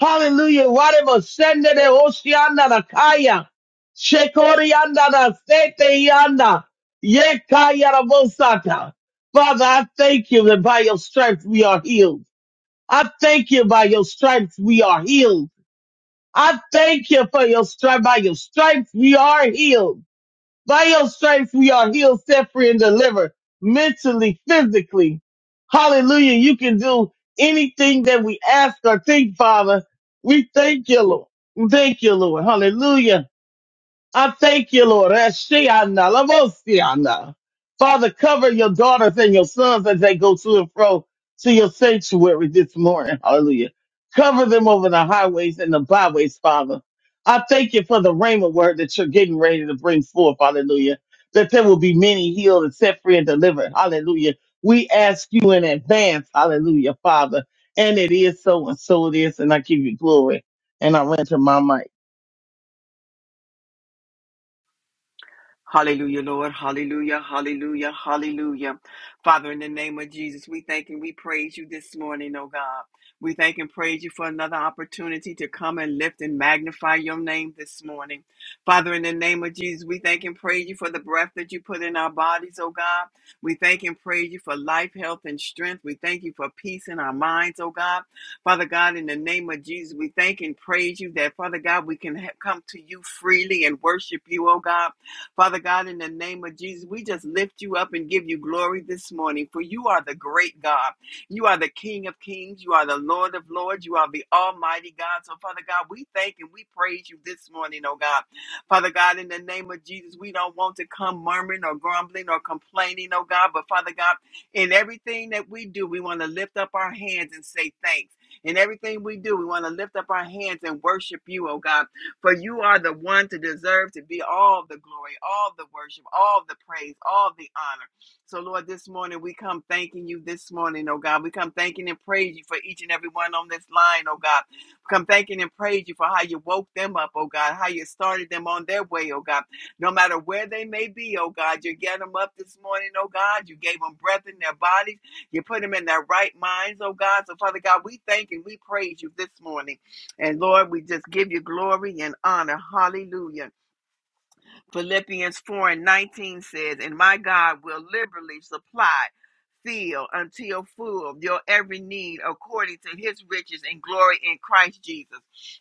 Hallelujah. Whatever sende de oceana da kaya. Shekorianda da sete yanda. Ye kaya da bosata. Father, I thank you that by your stripes we are healed. I thank you by your stripes we are healed. I thank you for your stripe. By your stripes we are healed. By your stripes we are healed, set free, and delivered mentally, physically. Hallelujah. You can do anything that we ask or think, Father. We thank you, Lord. Thank you, Lord. Hallelujah. I thank you, Lord. Ashiana, Lavosiana. Father, cover your daughters and your sons as they go to and fro to your sanctuary this morning. Hallelujah. Cover them over the highways and the byways, Father. I thank you for the rhema word that you're getting ready to bring forth. Hallelujah. That there will be many healed and set free and delivered. Hallelujah. We ask you in advance. Hallelujah, Father. And it is so and so it is. And I give you glory. And I render my mic. Hallelujah, Lord. Hallelujah, hallelujah, hallelujah. Father, in the name of Jesus, we thank and we praise you this morning, oh God. We thank and praise you for another opportunity to come and lift and magnify your name this morning. Father, in the name of Jesus, we thank and praise you for the breath that you put in our bodies, oh God. We thank and praise you for life, health, and strength. We thank you for peace in our minds, oh God. Father God, in the name of Jesus, we thank and praise you that, Father God, we can ha- come to you freely and worship you, oh God. Father God, in the name of Jesus, we just lift you up and give you glory this morning, for you are the great God. You are the King of kings. You are the Lord of lords. You are the Almighty God. So, Father God, we thank and we praise you this morning, oh God. Father God, in the name of Jesus, we don't want to come murmuring or grumbling or complaining, oh God. But, Father God, in everything that we do, we want to lift up our hands and say thanks. In everything we do, we want to lift up our hands and worship you, oh God. For you are the one to deserve to be all the glory, all the worship, all the praise, all the honor. So, Lord, this morning we come thanking you this morning, oh God. We come thanking and praise you for each and every one on this line, oh God. We come thanking and praise you for how you woke them up, oh God, how you started them on their way, oh God. No matter where they may be, oh God, you get them up this morning, oh God. You gave them breath in their bodies. You put them in their right minds, oh God. So, Father God, we thank and we praise you this morning. And Lord, we just give you glory and honor. Hallelujah. Philippians 4 and 19 says, And my God will liberally supply, fill until full your every need according to his riches and glory in Christ Jesus.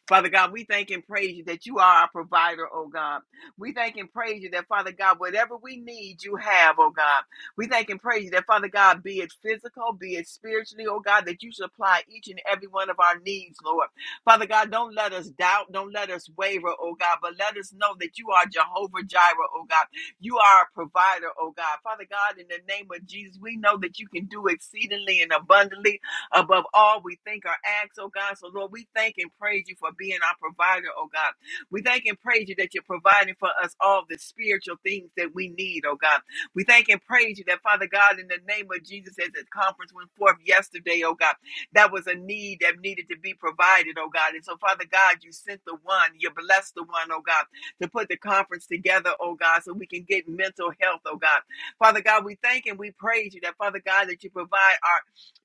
Father God, we thank and praise you that you are our provider, oh God. We thank and praise you that, Father God, whatever we need, you have, oh God. We thank and praise you that, Father God, be it physical, be it spiritually, oh God, that you supply each and every one of our needs, Lord. Father God, don't let us doubt, don't let us waver, oh God, but let us know that you are Jehovah Jireh, oh God. You are a provider, oh God. Father God, in the name of Jesus, we know that you can do exceedingly and abundantly above all we think or ask, oh God. So, Lord, we thank and praise you for being our provider, oh God. We thank and praise you that you're providing for us all the spiritual things that we need, oh God. We thank and praise you that, Father God, in the name of Jesus, as the conference went forth yesterday, oh God that was a need that needed to be provided, oh God. And so, Father God, you sent the one, you blessed the one, oh God, to put the conference together, oh God, so we can get mental health, oh God. Father God, we thank and we praise you that, Father God, that you provide our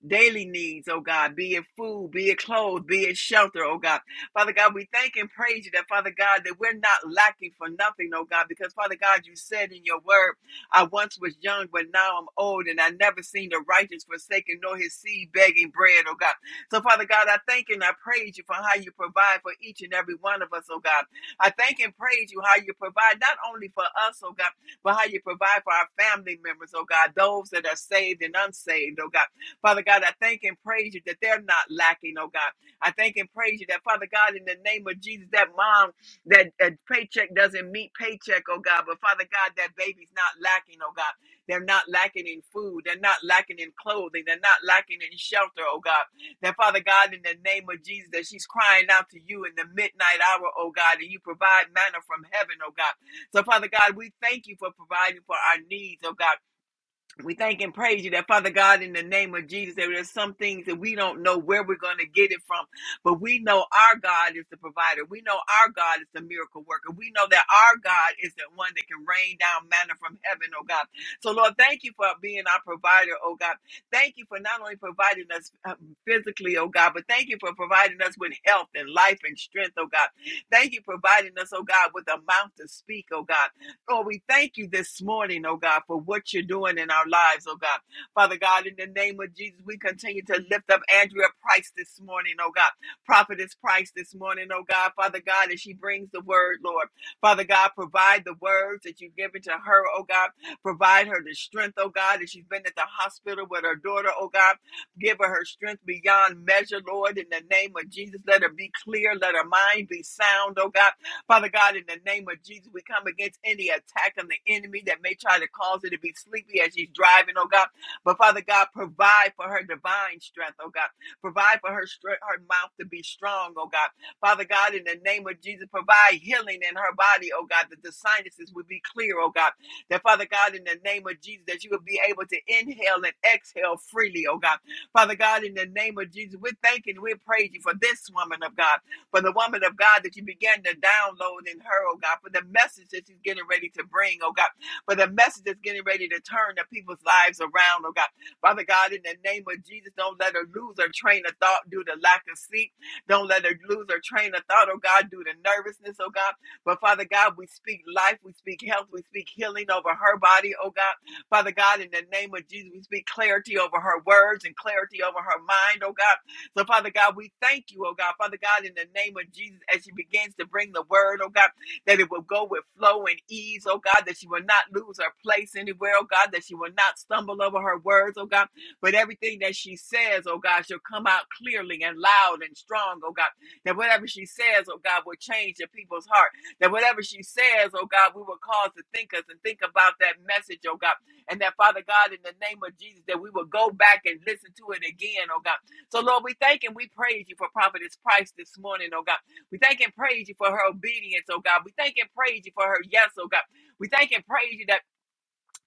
daily needs, oh God, be it food, be it clothes, be it shelter, oh God. Father God, we thank and praise you that, Father God, that we're not lacking for nothing, oh God, because, Father God, you said in your word, I once was young, but now I'm old, and I never seen the righteous forsaken, nor his seed begging bread, oh God. So, Father God, I thank you and I praise you for how you provide for each and every one of us, oh God. I thank and praise you how you provide not only for us, oh God, but how you provide for our family members, oh God, those that are saved and unsaved, oh God. Father God, I thank and praise you that they're not lacking, oh God. I thank and praise you that, Father God, in the name of Jesus, that mom that uh, paycheck doesn't meet paycheck, oh God. But Father God, that baby's not lacking, oh God. They're not lacking in food. They're not lacking in clothing. They're not lacking in shelter, oh God. That Father God, in the name of Jesus, that she's crying out to you in the midnight hour, oh God, and you provide manna from heaven, oh God. So Father God, we thank you for providing for our needs, oh God. We thank and praise you that, Father God, in the name of Jesus, there are some things that we don't know where we're going to get it from, but we know our God is the provider. We know our God is the miracle worker. We know that our God is the one that can rain down manna from heaven, oh God. So, Lord, thank you for being our provider, oh God. Thank you for not only providing us uh, physically, oh God, but thank you for providing us with health and life and strength, oh God. Thank you for providing us, oh God, with a mouth to speak, oh God. Lord, we thank you this morning, oh God, for what you're doing in our lives, oh God. Father God, in the name of Jesus, we continue to lift up Andrea Price this morning, oh God. Prophetess Price this morning, oh God. Father God, as she brings the word, Lord. Father God, provide the words that you've given to her, oh God. Provide her the strength, oh God, as she's been at the hospital with her daughter, oh God. Give her her strength beyond measure, Lord, in the name of Jesus. Let her be clear. Let her mind be sound, oh God. Father God, in the name of Jesus, we come against any attack on the enemy that may try to cause her to be sleepy as she's driving, oh God. But Father God, provide for her divine strength, oh God. Provide for her strength, her mouth to be strong, oh God. Father God, in the name of Jesus, provide healing in her body, oh God, that the sinuses would be clear, oh God. That Father God, in the name of Jesus, that you would be able to inhale and exhale freely, oh God. Father God, in the name of Jesus, we're thanking, we praise you for this woman of God for the woman of God that you began to download in her, oh God, for the message that she's getting ready to bring, oh God, for the message that's getting ready to turn the people's lives around, oh God. Father God, in the name of Jesus, don't let her lose her train of thought due to lack of sleep. Don't let her lose her train of thought, oh God, due to nervousness, oh God. But Father God, we speak life, we speak health, we speak healing over her body, oh God. Father God, in the name of Jesus, we speak clarity over her words and clarity over her mind, oh God. So, Father God, we thank you, oh God. Father God, in the name of Jesus, as she begins to bring the word, oh God, that it will go with flow and ease, oh God, that she will not lose her place anywhere, oh God, that she will not stumble over her words, oh God, but everything that she says, oh God, shall come out clearly and loud and strong, oh God, that whatever she says, oh God, will change the people's heart, that whatever she says, oh God, we will cause to think us and think about that message, oh God, and that Father God, in the name of Jesus, that we will go back and listen to it again, oh God so, Lord, we thank and we praise you for Prophetess Price this morning, oh God. We thank and praise you for her obedience, oh God. We thank and praise you for her yes, oh God. We thank and praise you that.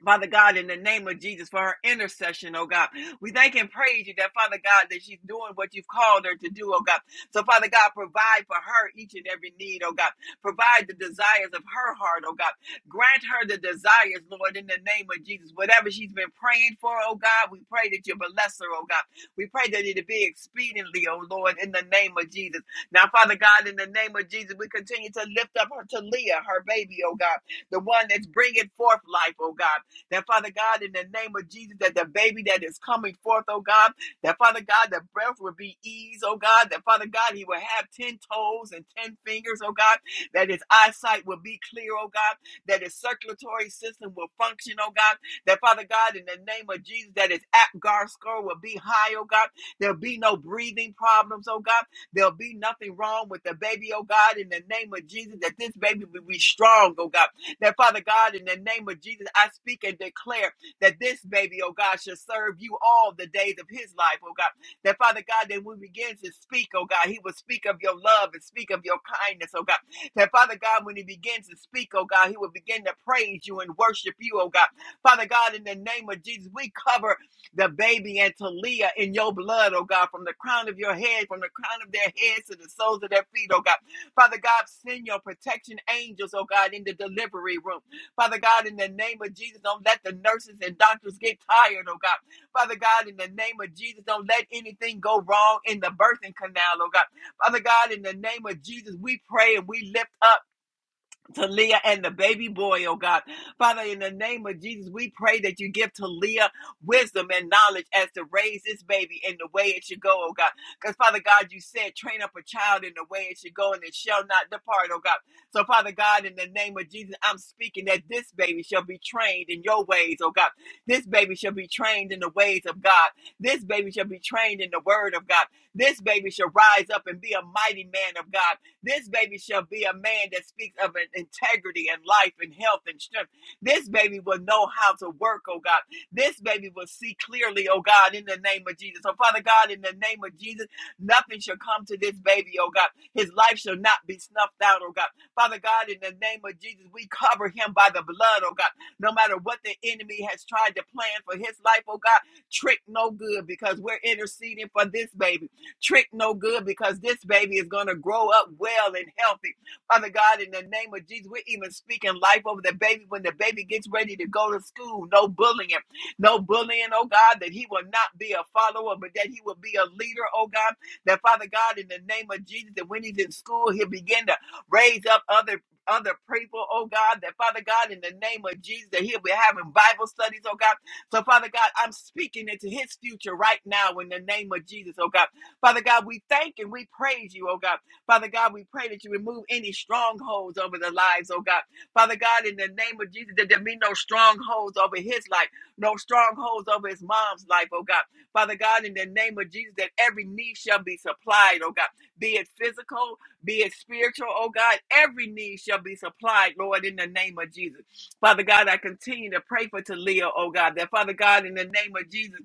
Father God, in the name of Jesus, for her intercession, oh God. We thank and praise you that, Father God, that she's doing what you've called her to do, oh God. So, Father God, provide for her each and every need, oh God. Provide the desires of her heart, oh God. Grant her the desires, Lord, in the name of Jesus. Whatever she's been praying for, oh God, we pray that you bless her, oh God. We pray that it be expediently, oh Lord, in the name of Jesus. Now, Father God, in the name of Jesus, we continue to lift up her to Leah, her baby, oh God the one that's bringing forth life, oh God. That Father God, in the name of Jesus, that the baby that is coming forth, oh God, that Father God, the breath will be ease, oh God, that Father God, he will have 10 toes and 10 fingers, oh God, that his eyesight will be clear, oh God, that his circulatory system will function, oh God, that Father God, in the name of Jesus, that his apgar score will be high, oh God, there'll be no breathing problems, oh God, there'll be nothing wrong with the baby, oh God, in the name of Jesus, that this baby will be strong, oh God, that Father God, in the name of Jesus, I speak and declare that this baby, oh God, shall serve you all the days of his life, oh God. That Father God, that when we begin to speak, oh God, he will speak of your love and speak of your kindness, oh God. That Father God, when he begins to speak, oh God, he will begin to praise you and worship you, oh God. Father God, in the name of Jesus, we cover the baby and Talia in your blood, oh God, from the crown of your head, from the crown of their heads to the soles of their feet, oh God. Father God, send your protection angels, oh God, in the delivery room. Father God, in the name of Jesus, don't let the nurses and doctors get tired, oh God. Father God, in the name of Jesus, don't let anything go wrong in the birthing canal, oh God. Father God, in the name of Jesus, we pray and we lift up. Talia and the baby boy, oh God. Father, in the name of Jesus, we pray that you give Talia wisdom and knowledge as to raise this baby in the way it should go, oh God. Because, Father God, you said, train up a child in the way it should go and it shall not depart, oh God. So, Father God, in the name of Jesus, I'm speaking that this baby shall be trained in your ways, oh God. This baby shall be trained in the ways of God. This baby shall be trained in the word of God. This baby shall rise up and be a mighty man of God. This baby shall be a man that speaks of an integrity and life and health and strength. This baby will know how to work, oh God. This baby will see clearly, oh God, in the name of Jesus. So, Father God, in the name of Jesus, nothing shall come to this baby, oh God. His life shall not be snuffed out, oh God. Father God, in the name of Jesus, we cover him by the blood, oh God. No matter what the enemy has tried to plan for his life, oh God, trick no good because we're interceding for this baby trick no good because this baby is going to grow up well and healthy. Father God, in the name of Jesus, we're even speaking life over the baby when the baby gets ready to go to school. No bullying, no bullying, oh God, that he will not be a follower, but that he will be a leader, oh God. That Father God, in the name of Jesus, that when he's in school, he'll begin to raise up other other people, oh God, that Father God, in the name of Jesus, that he'll be having Bible studies, oh God. So Father God, I'm speaking into his future right now in the name of Jesus, oh God. Father God, we thank and we praise you, oh God. Father God, we pray that you remove any strongholds over the lives, oh God. Father God, in the name of Jesus, that there be no strongholds over his life, no strongholds over his mom's life, oh God. Father God, in the name of Jesus, that every need shall be supplied, oh God. Be it physical, be it spiritual, oh God, every need shall be supplied, Lord, in the name of Jesus. Father God, I continue to pray for Talia, oh God, that Father God, in the name of Jesus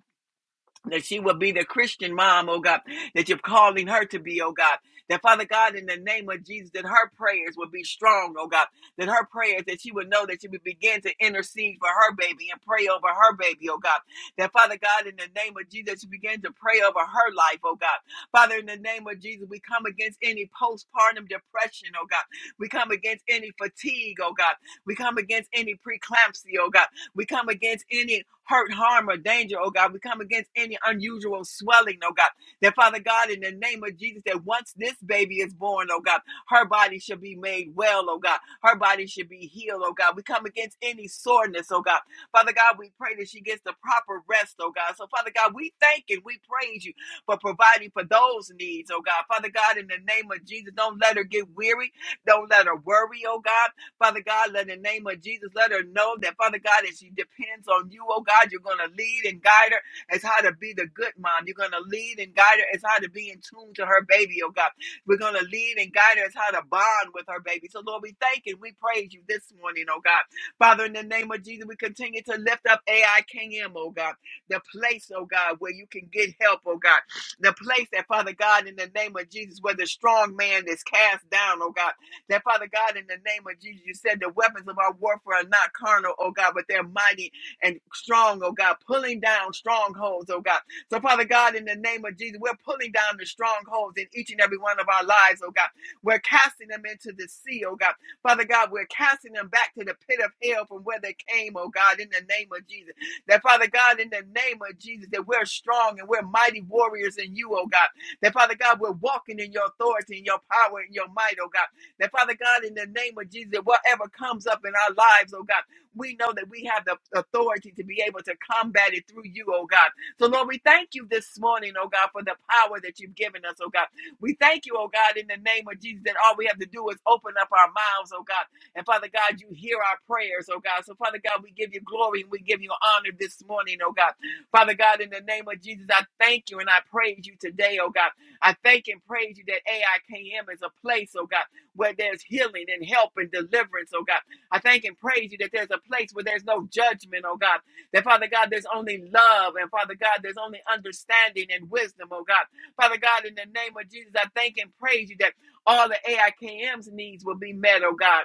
that she will be the Christian mom, oh God, that you're calling her to be, oh God. That Father God, in the name of Jesus, that her prayers will be strong, oh God. That her prayers, that she would know that she would begin to intercede for her baby and pray over her baby, oh God. That Father God, in the name of Jesus, you begin to pray over her life, oh God. Father, in the name of Jesus, we come against any postpartum depression, oh God. We come against any fatigue, oh God. We come against any preeclampsia, oh God. We come against any hurt, harm, or danger, oh God. We come against any unusual swelling, oh God. That Father God, in the name of Jesus, that once this baby is born, oh God, her body shall be made well, oh God. Her body should be healed, oh God. We come against any soreness, oh God. Father God, we pray that she gets the proper rest, oh God. So, Father God, we thank and we praise you for providing for those needs, oh God. Father God, in the name of Jesus, don't let her get weary. Don't let her worry, oh God. Father God, let in the name of Jesus, let her know that, Father God, as she depends on you, oh God, you're going to lead and guide her as how to be the good mom. You're going to lead and guide her as how to be in tune to her baby, oh God. We're going to lead and guide her as how to bond with her baby. So, Lord, we thank and we praise you this morning, oh God. Father, in the name of Jesus, we continue to lift up AIKM, oh God, the place, oh God, where you can get help, oh God. The place that, Father God, in the name of Jesus, where the strong man is cast down, oh God. That Father God, in the name of Jesus, you said the weapons of our warfare are not carnal, oh God, but they're mighty and strong, oh God, pulling down strongholds, oh God. So, Father God, in the name of Jesus, we're pulling down the strongholds in each and every one of our lives, oh God. We're casting them into the sea, oh God. Father God, we're casting them back to the pit of hell from where they came, oh God, in the name of Jesus. That, Father God, in the name of Jesus, that we're strong and we're mighty warriors in you, oh God. That, Father God, we're walking in your authority and your power and your might, oh God. That Father God, in the name of Jesus, whatever comes up in our lives, oh God, we know that we have the authority to be able to combat it through you, oh God. So, Lord, we thank you this morning, oh God, for the power that you've given us, oh God. We thank you, oh God, in the name of Jesus, that all we have to do is open up our mouths, oh God. And Father God, you hear our prayers, oh God. So, Father God, we give you glory and we give you honor this morning, oh God. Father God, in the name of Jesus, I thank you and I praise you today, oh God. I thank and praise you that AIKM is a place, oh God where there's healing and help and deliverance, oh God. I thank and praise you that there's a place where there's no judgment, oh God. That Father God, there's only love, and Father God, there's only understanding and wisdom, oh God. Father God, in the name of Jesus, I thank and praise you that all the AIKM's needs will be met, oh God.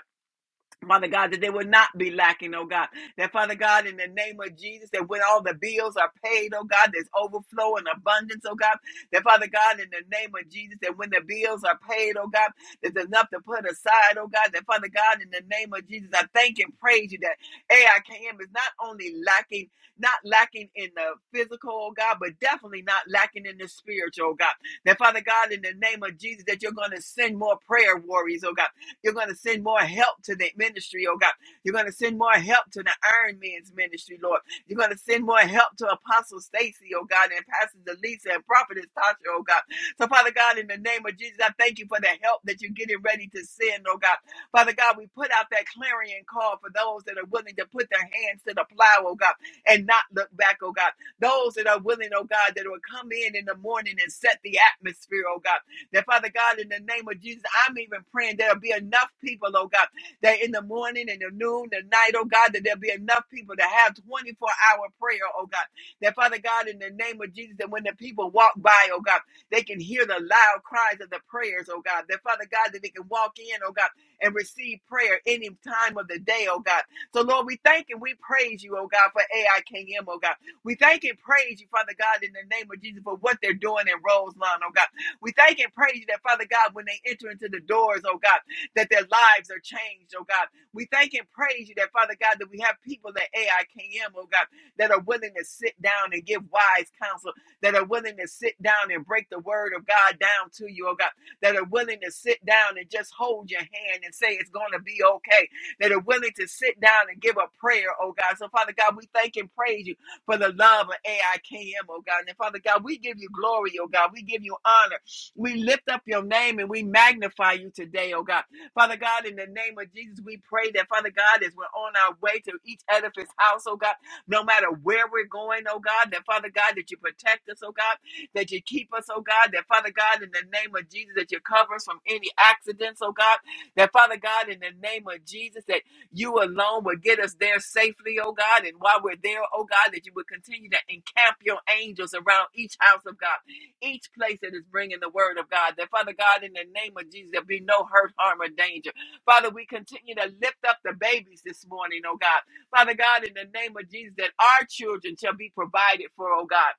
Father God, that they will not be lacking, oh God. That Father God, in the name of Jesus, that when all the bills are paid, oh God, there's overflow and abundance, oh God. That Father God, in the name of Jesus, that when the bills are paid, oh God, there's enough to put aside, oh God. That Father God, in the name of Jesus, I thank and praise you that AIKM is not only lacking, not lacking in the physical, oh God, but definitely not lacking in the spiritual, oh God. That Father God, in the name of Jesus, that you're going to send more prayer warriors, oh God you're going to send more help to the ministry, oh God. You're going to send more help to the Iron Man's ministry, Lord. You're going to send more help to Apostle Stacy, oh God, and Pastor Delisa and Prophetess Tasha, oh God. So, Father God, in the name of Jesus, I thank you for the help that you're getting ready to send, oh God. Father God, we put out that clarion call for those that are willing to put their hands to the plow, oh God, and not look back, oh God. Those that are willing, oh God, that will come in in the morning and set the atmosphere, oh God. That Father God, in the name of Jesus, I'm even praying there'll be enough people, oh God, that in the morning and the noon, the night, oh God, that there'll be enough people to have 24 hour prayer, oh God. That Father God, in the name of Jesus, that when the people walk by, oh God, they can hear the loud cries of the prayers, oh God. That Father God, that they can walk in, oh God, and receive prayer any time of the day, oh God. So Lord, we thank and we praise you, oh God, for AIKM, oh God. We thank and praise you, Father God, in the name of Jesus, for what they're doing in Roseland, oh God. We thank and praise you that, Father God, when they enter into the doors, oh God, that their lives are changed, oh God. We thank and praise you that, Father God, that we have people at AIKM, oh God, that are willing to sit down and give wise counsel, that are willing to sit down and break the word of God down to you, oh God, that are willing to sit down and just hold your hand and say it's going to be okay, that are willing to sit down and give a prayer, oh God. So, Father God, we thank and praise you for the love of AIKM, oh God. And Father God, we give you glory, oh God. We give you honor. We lift up your name and we magnify you today, oh God. Father God, in the name of Jesus, we pray that, Father God, as we're on our way to each edifice house, oh God, no matter where we're going, oh God, that, Father God, that you protect us, oh God, that you keep us, oh God, that, Father God, in the name of Jesus, that you cover us from any accidents, oh God, that, Father God, in the name of Jesus, that you alone will get us there safely, oh God. And while we're there, oh God, that you will continue to encamp your angels around each house of God each place that is bringing the word of God. That Father God, in the name of Jesus, there be no hurt, harm, or danger. Father, we continue to lift up the babies this morning, oh God. Father God, in the name of Jesus, that our children shall be provided for, oh God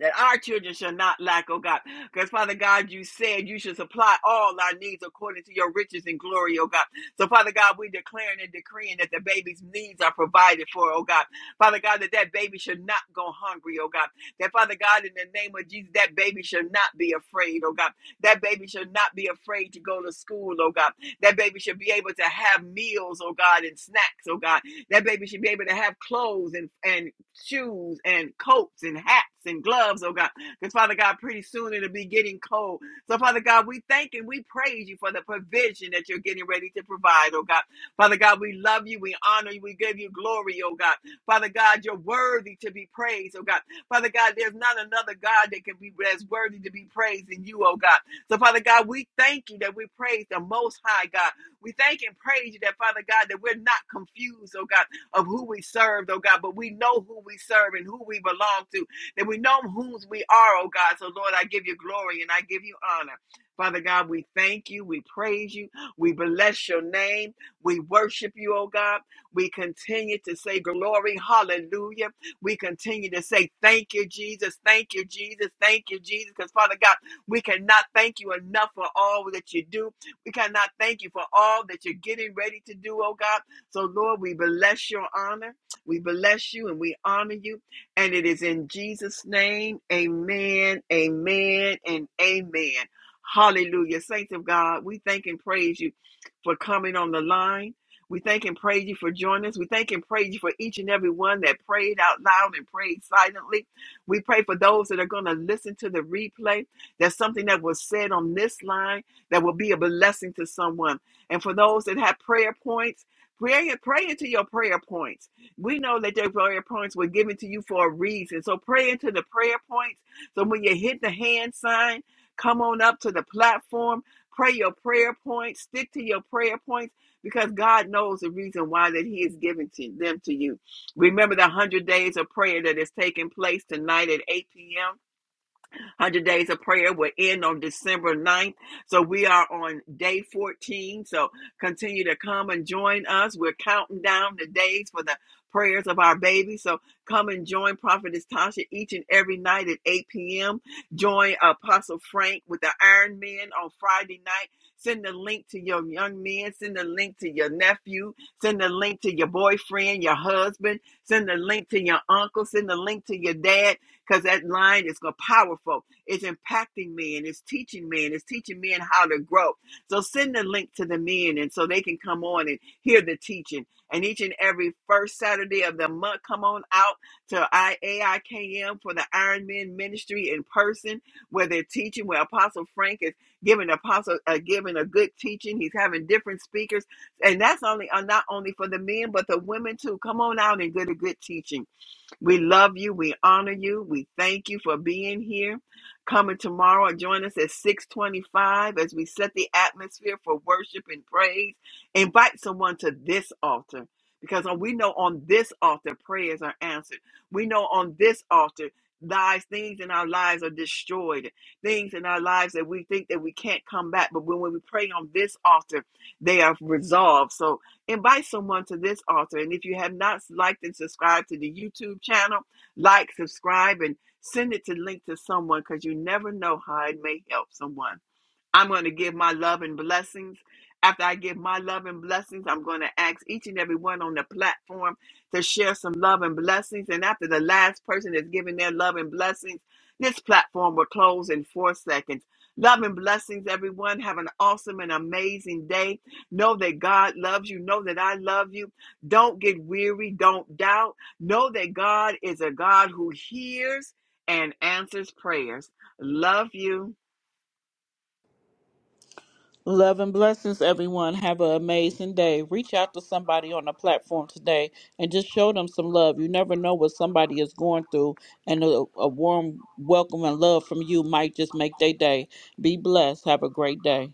that our children shall not lack, oh God. Because Father God, you said you should supply all our needs according to your riches and glory, oh God. So Father God, we declaring and decreeing that the baby's needs are provided for, oh God. Father God, that that baby should not go hungry, oh God. That Father God, in the name of Jesus, that baby should not be afraid, oh God. That baby should not be afraid to go to school, oh God. That baby should be able to have meals, oh God, and snacks, oh God. That baby should be able to have clothes and, and shoes and coats and hats and gloves, oh God. Because Father God, pretty soon it'll be getting cold. So Father God, we thank and we praise you for the provision that you're getting ready to provide, oh God. Father God, we love you, we honor you, we give you glory, oh God. Father God, you're worthy to be praised, oh God. Father God, there's not another God that can be as worthy to be praised than you, oh God. So Father God, we thank you that we praise the most high God. We thank and praise you that Father God that we're not confused, oh God of who we serve, oh God, but we know who we serve and who we belong to, that we know whose we are, oh God. So, Lord, I give you glory and I give you honor. Father God, we thank you, we praise you, we bless your name, we worship you, oh God. We continue to say glory, hallelujah. We continue to say thank you, Jesus, thank you, Jesus, thank you, Jesus, because Father God, we cannot thank you enough for all that you do. We cannot thank you for all that you're getting ready to do, oh God. So, Lord, we bless your honor. We bless you and we honor you. And it is in Jesus' name. Amen, amen, and amen. Hallelujah. Saints of God, we thank and praise you for coming on the line. We thank and praise you for joining us. We thank and praise you for each and every one that prayed out loud and prayed silently. We pray for those that are going to listen to the replay. That's something that was said on this line that will be a blessing to someone. And for those that have prayer points, Pray, pray into your prayer points. We know that their prayer points were given to you for a reason. So pray into the prayer points. So when you hit the hand sign, come on up to the platform. Pray your prayer points. Stick to your prayer points because God knows the reason why that He has given to them to you. Remember the one hundred days of prayer that is taking place tonight at 8 p.m. 100 Days of Prayer will end on December ninth, So we are on day 14. So continue to come and join us. We're counting down the days for the prayers of our baby. So come and join Prophetess Tasha each and every night at 8 p.m. Join Apostle Frank with the Iron Men on Friday night. Send the link to your young men. Send the link to your nephew. Send the link to your boyfriend, your husband. Send the link to your uncle. Send the link to your dad because that line is go- powerful. Is impacting me and it's teaching me and it's teaching men how to grow. So send the link to the men and so they can come on and hear the teaching. And each and every first Saturday of the month, come on out to IAIKM for the Iron Men Ministry in person, where they're teaching, where Apostle Frank is giving apostle uh, giving a good teaching. He's having different speakers, and that's only uh, not only for the men but the women too. Come on out and get a good teaching. We love you. We honor you. We thank you for being here. Coming tomorrow, and join us at 625 as we set the atmosphere for worship and praise. Invite someone to this altar because we know on this altar prayers are answered. We know on this altar lies things in our lives are destroyed things in our lives that we think that we can't come back but when we pray on this altar they are resolved so Invite someone to this altar. And if you have not liked and subscribed to the YouTube channel, like, subscribe, and send it to link to someone because you never know how it may help someone. I'm going to give my love and blessings. After I give my love and blessings, I'm going to ask each and every one on the platform to share some love and blessings. And after the last person is giving their love and blessings, this platform will close in four seconds. Love and blessings, everyone. Have an awesome and amazing day. Know that God loves you. Know that I love you. Don't get weary. Don't doubt. Know that God is a God who hears and answers prayers. Love you. Love and blessings, everyone. Have an amazing day. Reach out to somebody on the platform today and just show them some love. You never know what somebody is going through, and a, a warm welcome and love from you might just make their day. Be blessed. Have a great day.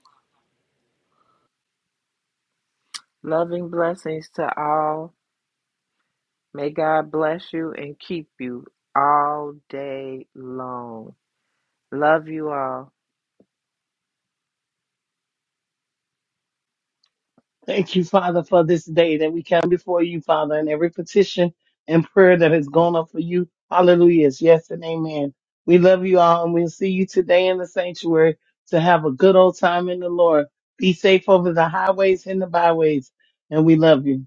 Loving blessings to all. May God bless you and keep you all day long. Love you all. Thank you, Father, for this day that we come before you, Father, and every petition and prayer that has gone up for you. Hallelujah. It's Yes and amen. We love you all and we'll see you today in the sanctuary to have a good old time in the Lord. Be safe over the highways and the byways. And we love you.